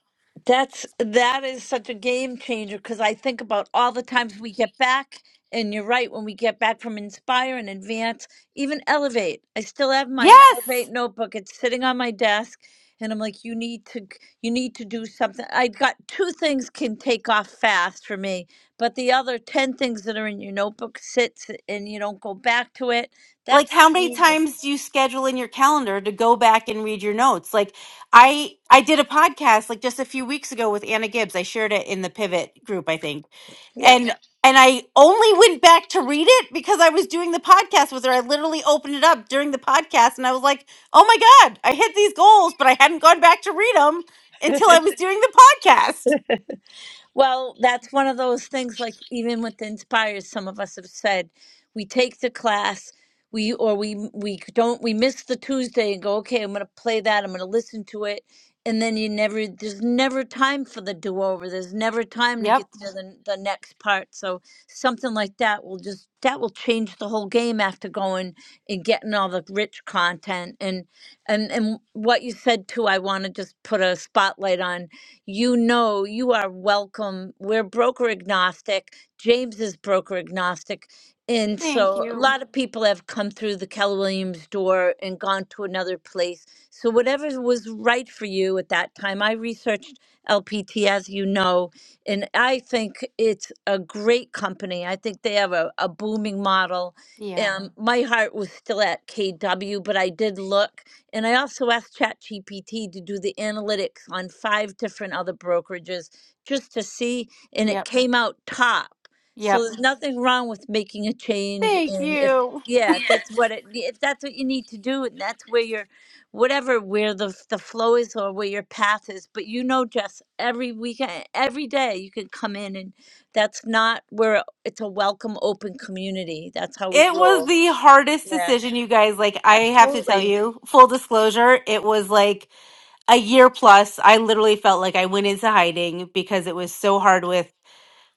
Speaker 1: That's that is such a game changer because I think about all the times we get back, and you're right, when we get back from Inspire and Advance, even Elevate. I still have my
Speaker 15: Yes.
Speaker 1: Elevate notebook. It's sitting on my desk, and I'm like, you need to you need to do something. I got two things can take off fast for me, but the other ten things that are in your notebook sits and you don't go back to it.
Speaker 15: like
Speaker 1: That's
Speaker 15: how many
Speaker 1: genius.
Speaker 15: times do you schedule in your calendar to go back and read your notes like i i did a podcast like just a few weeks ago with anna gibbs i shared it in the pivot group i think
Speaker 1: Yeah.
Speaker 15: and Yeah. and i only went back to read it because i was doing the podcast with her i literally opened it up during the podcast and i was like oh my god i hit these goals but i hadn't gone back to read them until i was [laughs] doing the podcast
Speaker 1: Well, that's one of those things like even with Inspires, some of us have said we take the class, we or we we don't we miss the Tuesday and go, okay, I'm gonna play that, I'm gonna listen to it. And then you never there's never time for the do over. There's never time to
Speaker 15: yep
Speaker 1: get to the the next part. So something like that will just that will change the whole game after going and getting all the rich content and and and what you said too, I wanna just put a spotlight on you know you are welcome. We're broker agnostic. James is broker agnostic. And so a lot of people have come through the Keller Williams door and gone to another place. So whatever was right for you at that time, I researched LPT, as you know, and I think it's a great company. I think they have a, a booming model.
Speaker 15: yeah
Speaker 1: Um, my heart was still at KW, but I did look and I also asked ChatGPT to do the analytics on five different other brokerages just to see, and it
Speaker 15: yep
Speaker 1: came out top. So
Speaker 15: yep
Speaker 1: there's nothing wrong with making a change.
Speaker 15: thank
Speaker 1: And if,
Speaker 15: you
Speaker 1: yeah, if that's what it, if that's what you need to do, and that's where your, whatever, where the, f- the flow is or where your path is. But you know, Jess, every weekend, every day you can come in and that's not where it's a welcome, open community. That's how we
Speaker 15: It was
Speaker 1: roll.
Speaker 15: the hardest
Speaker 1: Yeah,
Speaker 15: decision, you guys. Like, I have to tell
Speaker 1: absolutely.
Speaker 15: you, full disclosure, it was like a year plus. I literally felt like I went into hiding because it was so hard with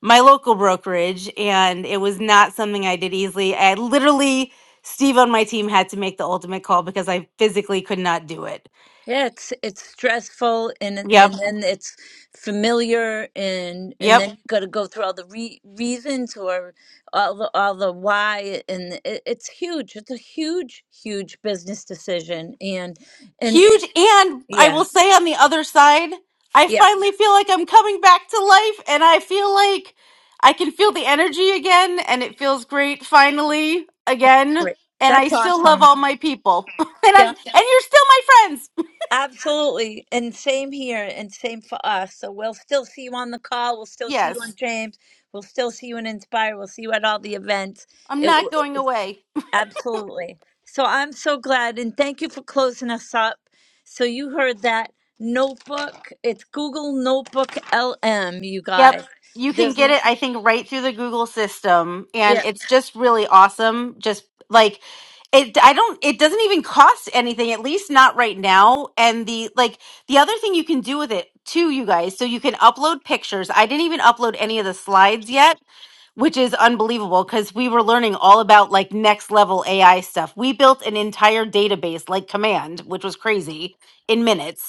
Speaker 15: my local brokerage, and it was not something I did easily. I literally, Steve on my team had to make the ultimate call because I physically could not do it.
Speaker 1: Yeah, it's it's stressful and then- and
Speaker 15: Yep.
Speaker 1: then it's familiar and and
Speaker 15: Yep.
Speaker 1: then you got to go through all the re reasons or all the all the why and it, it's huge. It's a huge huge business decision and and
Speaker 15: Huge. And I
Speaker 1: yeah.
Speaker 15: will say on the other side, I
Speaker 1: Yeah,
Speaker 15: finally feel like I'm coming back to life and I feel like I can feel the energy again and it feels great finally again.
Speaker 1: great.
Speaker 15: And I
Speaker 1: That's
Speaker 15: still love
Speaker 1: awesome.
Speaker 15: all my people. [laughs] and I'm
Speaker 1: Yeah,
Speaker 15: and you're still my friends.
Speaker 1: absolutely. And same here and same for us. So we'll still see you on the call. We'll still see you on
Speaker 15: Yes.
Speaker 1: James. We'll still see you in Inspire. We'll see you at all the events.
Speaker 15: I'm
Speaker 1: It
Speaker 15: not
Speaker 1: w-
Speaker 15: going away.
Speaker 1: Absolutely. So I'm so glad and thank you for closing us up. So you heard that notebook. It's Google Notebook LM, you
Speaker 15: Yep.
Speaker 1: guys.
Speaker 15: You can
Speaker 1: There's
Speaker 15: get it, I think, right through the Google system. And
Speaker 1: yeah.
Speaker 15: it's just really awesome. Just like it, I don't, it doesn't even cost anything, at least not right now. And the, like, the other thing you can do with it too, you guys, so you can upload pictures. I didn't even upload any of the slides yet, which is unbelievable because we were learning all about like next level AI stuff. We built an entire database like Command, which was crazy in minutes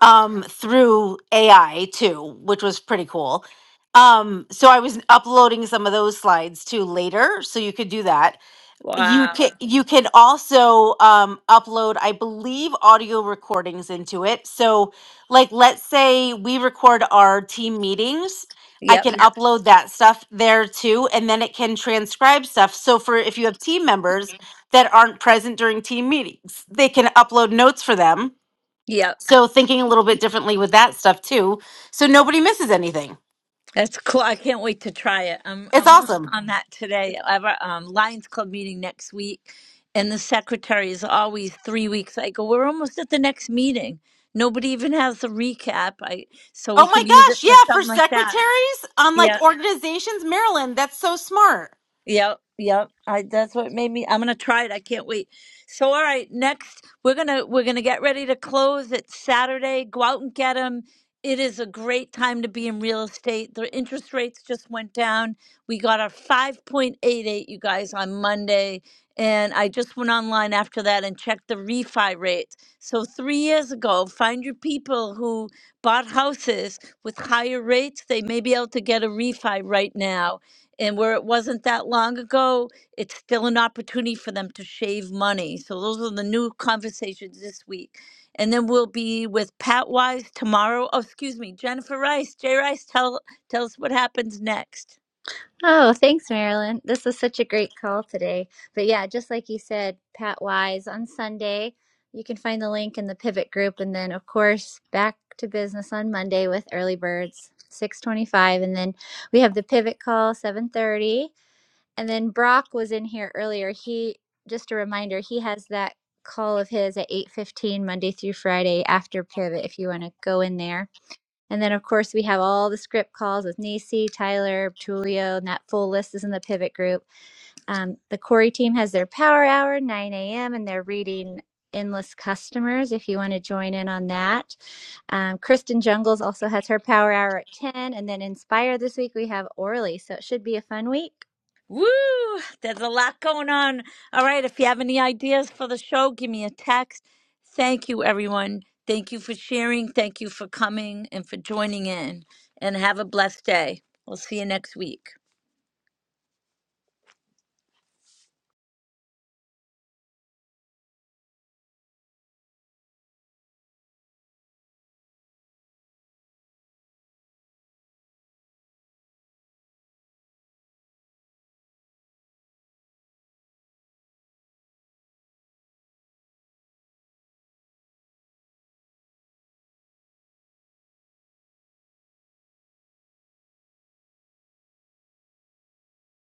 Speaker 15: um, through AI too, which was pretty cool. Um, so I was uploading some of those slides too later, so you could do that. You can
Speaker 1: Wow.
Speaker 15: you can also um, upload, I believe, audio recordings into it. So, like, let's say we record our team meetings. I
Speaker 1: Yep.
Speaker 15: can Yeah. upload that stuff there too, and then it can transcribe stuff. So, for if you have team members that aren't present during team meetings, they can upload notes for them
Speaker 1: Yep.
Speaker 15: so thinking a little bit differently with that stuff too, so nobody misses anything.
Speaker 1: That's cool. I can't wait to try it. I'm
Speaker 15: It's
Speaker 1: I'm on
Speaker 15: awesome.
Speaker 1: on that today. I have a um, Lions Club meeting next week, and the secretary is always three weeks. I go, we're almost at the next meeting. Nobody even has the recap. I so we
Speaker 15: Oh my
Speaker 1: could use it
Speaker 15: gosh,
Speaker 1: for
Speaker 15: yeah, for
Speaker 1: something like that.
Speaker 15: secretaries on
Speaker 1: Yeah.
Speaker 15: like organizations, Marilyn, that's so smart.
Speaker 1: Yep, yep. I that's what made me. I'm gonna try it. I can't wait. So, all right, next we're gonna we're gonna get ready to close. It's Saturday. Go out and get them. It is a great time to be in real estate. The interest rates just went down. We got our 5.88, you guys, on Monday. And I just went online after that and checked the refi rate. So, three years ago, find your people who bought houses with higher rates. They may be able to get a refi right now and where it wasn't that long ago, it's still an opportunity for them to shave money. So those are the new conversations this week. And then we'll be with Pat Wise tomorrow. Oh, excuse me, Jennifer Rice. Jay Rice, tell tell us what happens next.
Speaker 3: Oh, thanks, Marilyn. This is such a great call today. But yeah, just like you said, Pat Wise on Sunday, you can find the link in the pivot group. And then, of course, back to business on Monday with early birds, 625. And then we have the pivot call, 730. And then Brock was in here earlier. He, just a reminder, he has that call of his at 815 Monday through Friday after pivot if you want to go in there and then, of course, we have all the script calls with Nacy, Tyler, Tulio, and that full list is in the pivot group. Um, the Corey team has their power hour, 9 a.m., and they're reading endless customers if you want to join in on that. Um, Kristen Jungles also has her power hour at 10. And then Inspire this week, we have Orly. So it should be a fun week.
Speaker 1: Woo! There's a lot going on. All right, if you have any ideas for the show, give me a text. Thank you, everyone. Thank you for sharing. Thank you for coming and for joining in. And have a blessed day. We'll see you next week.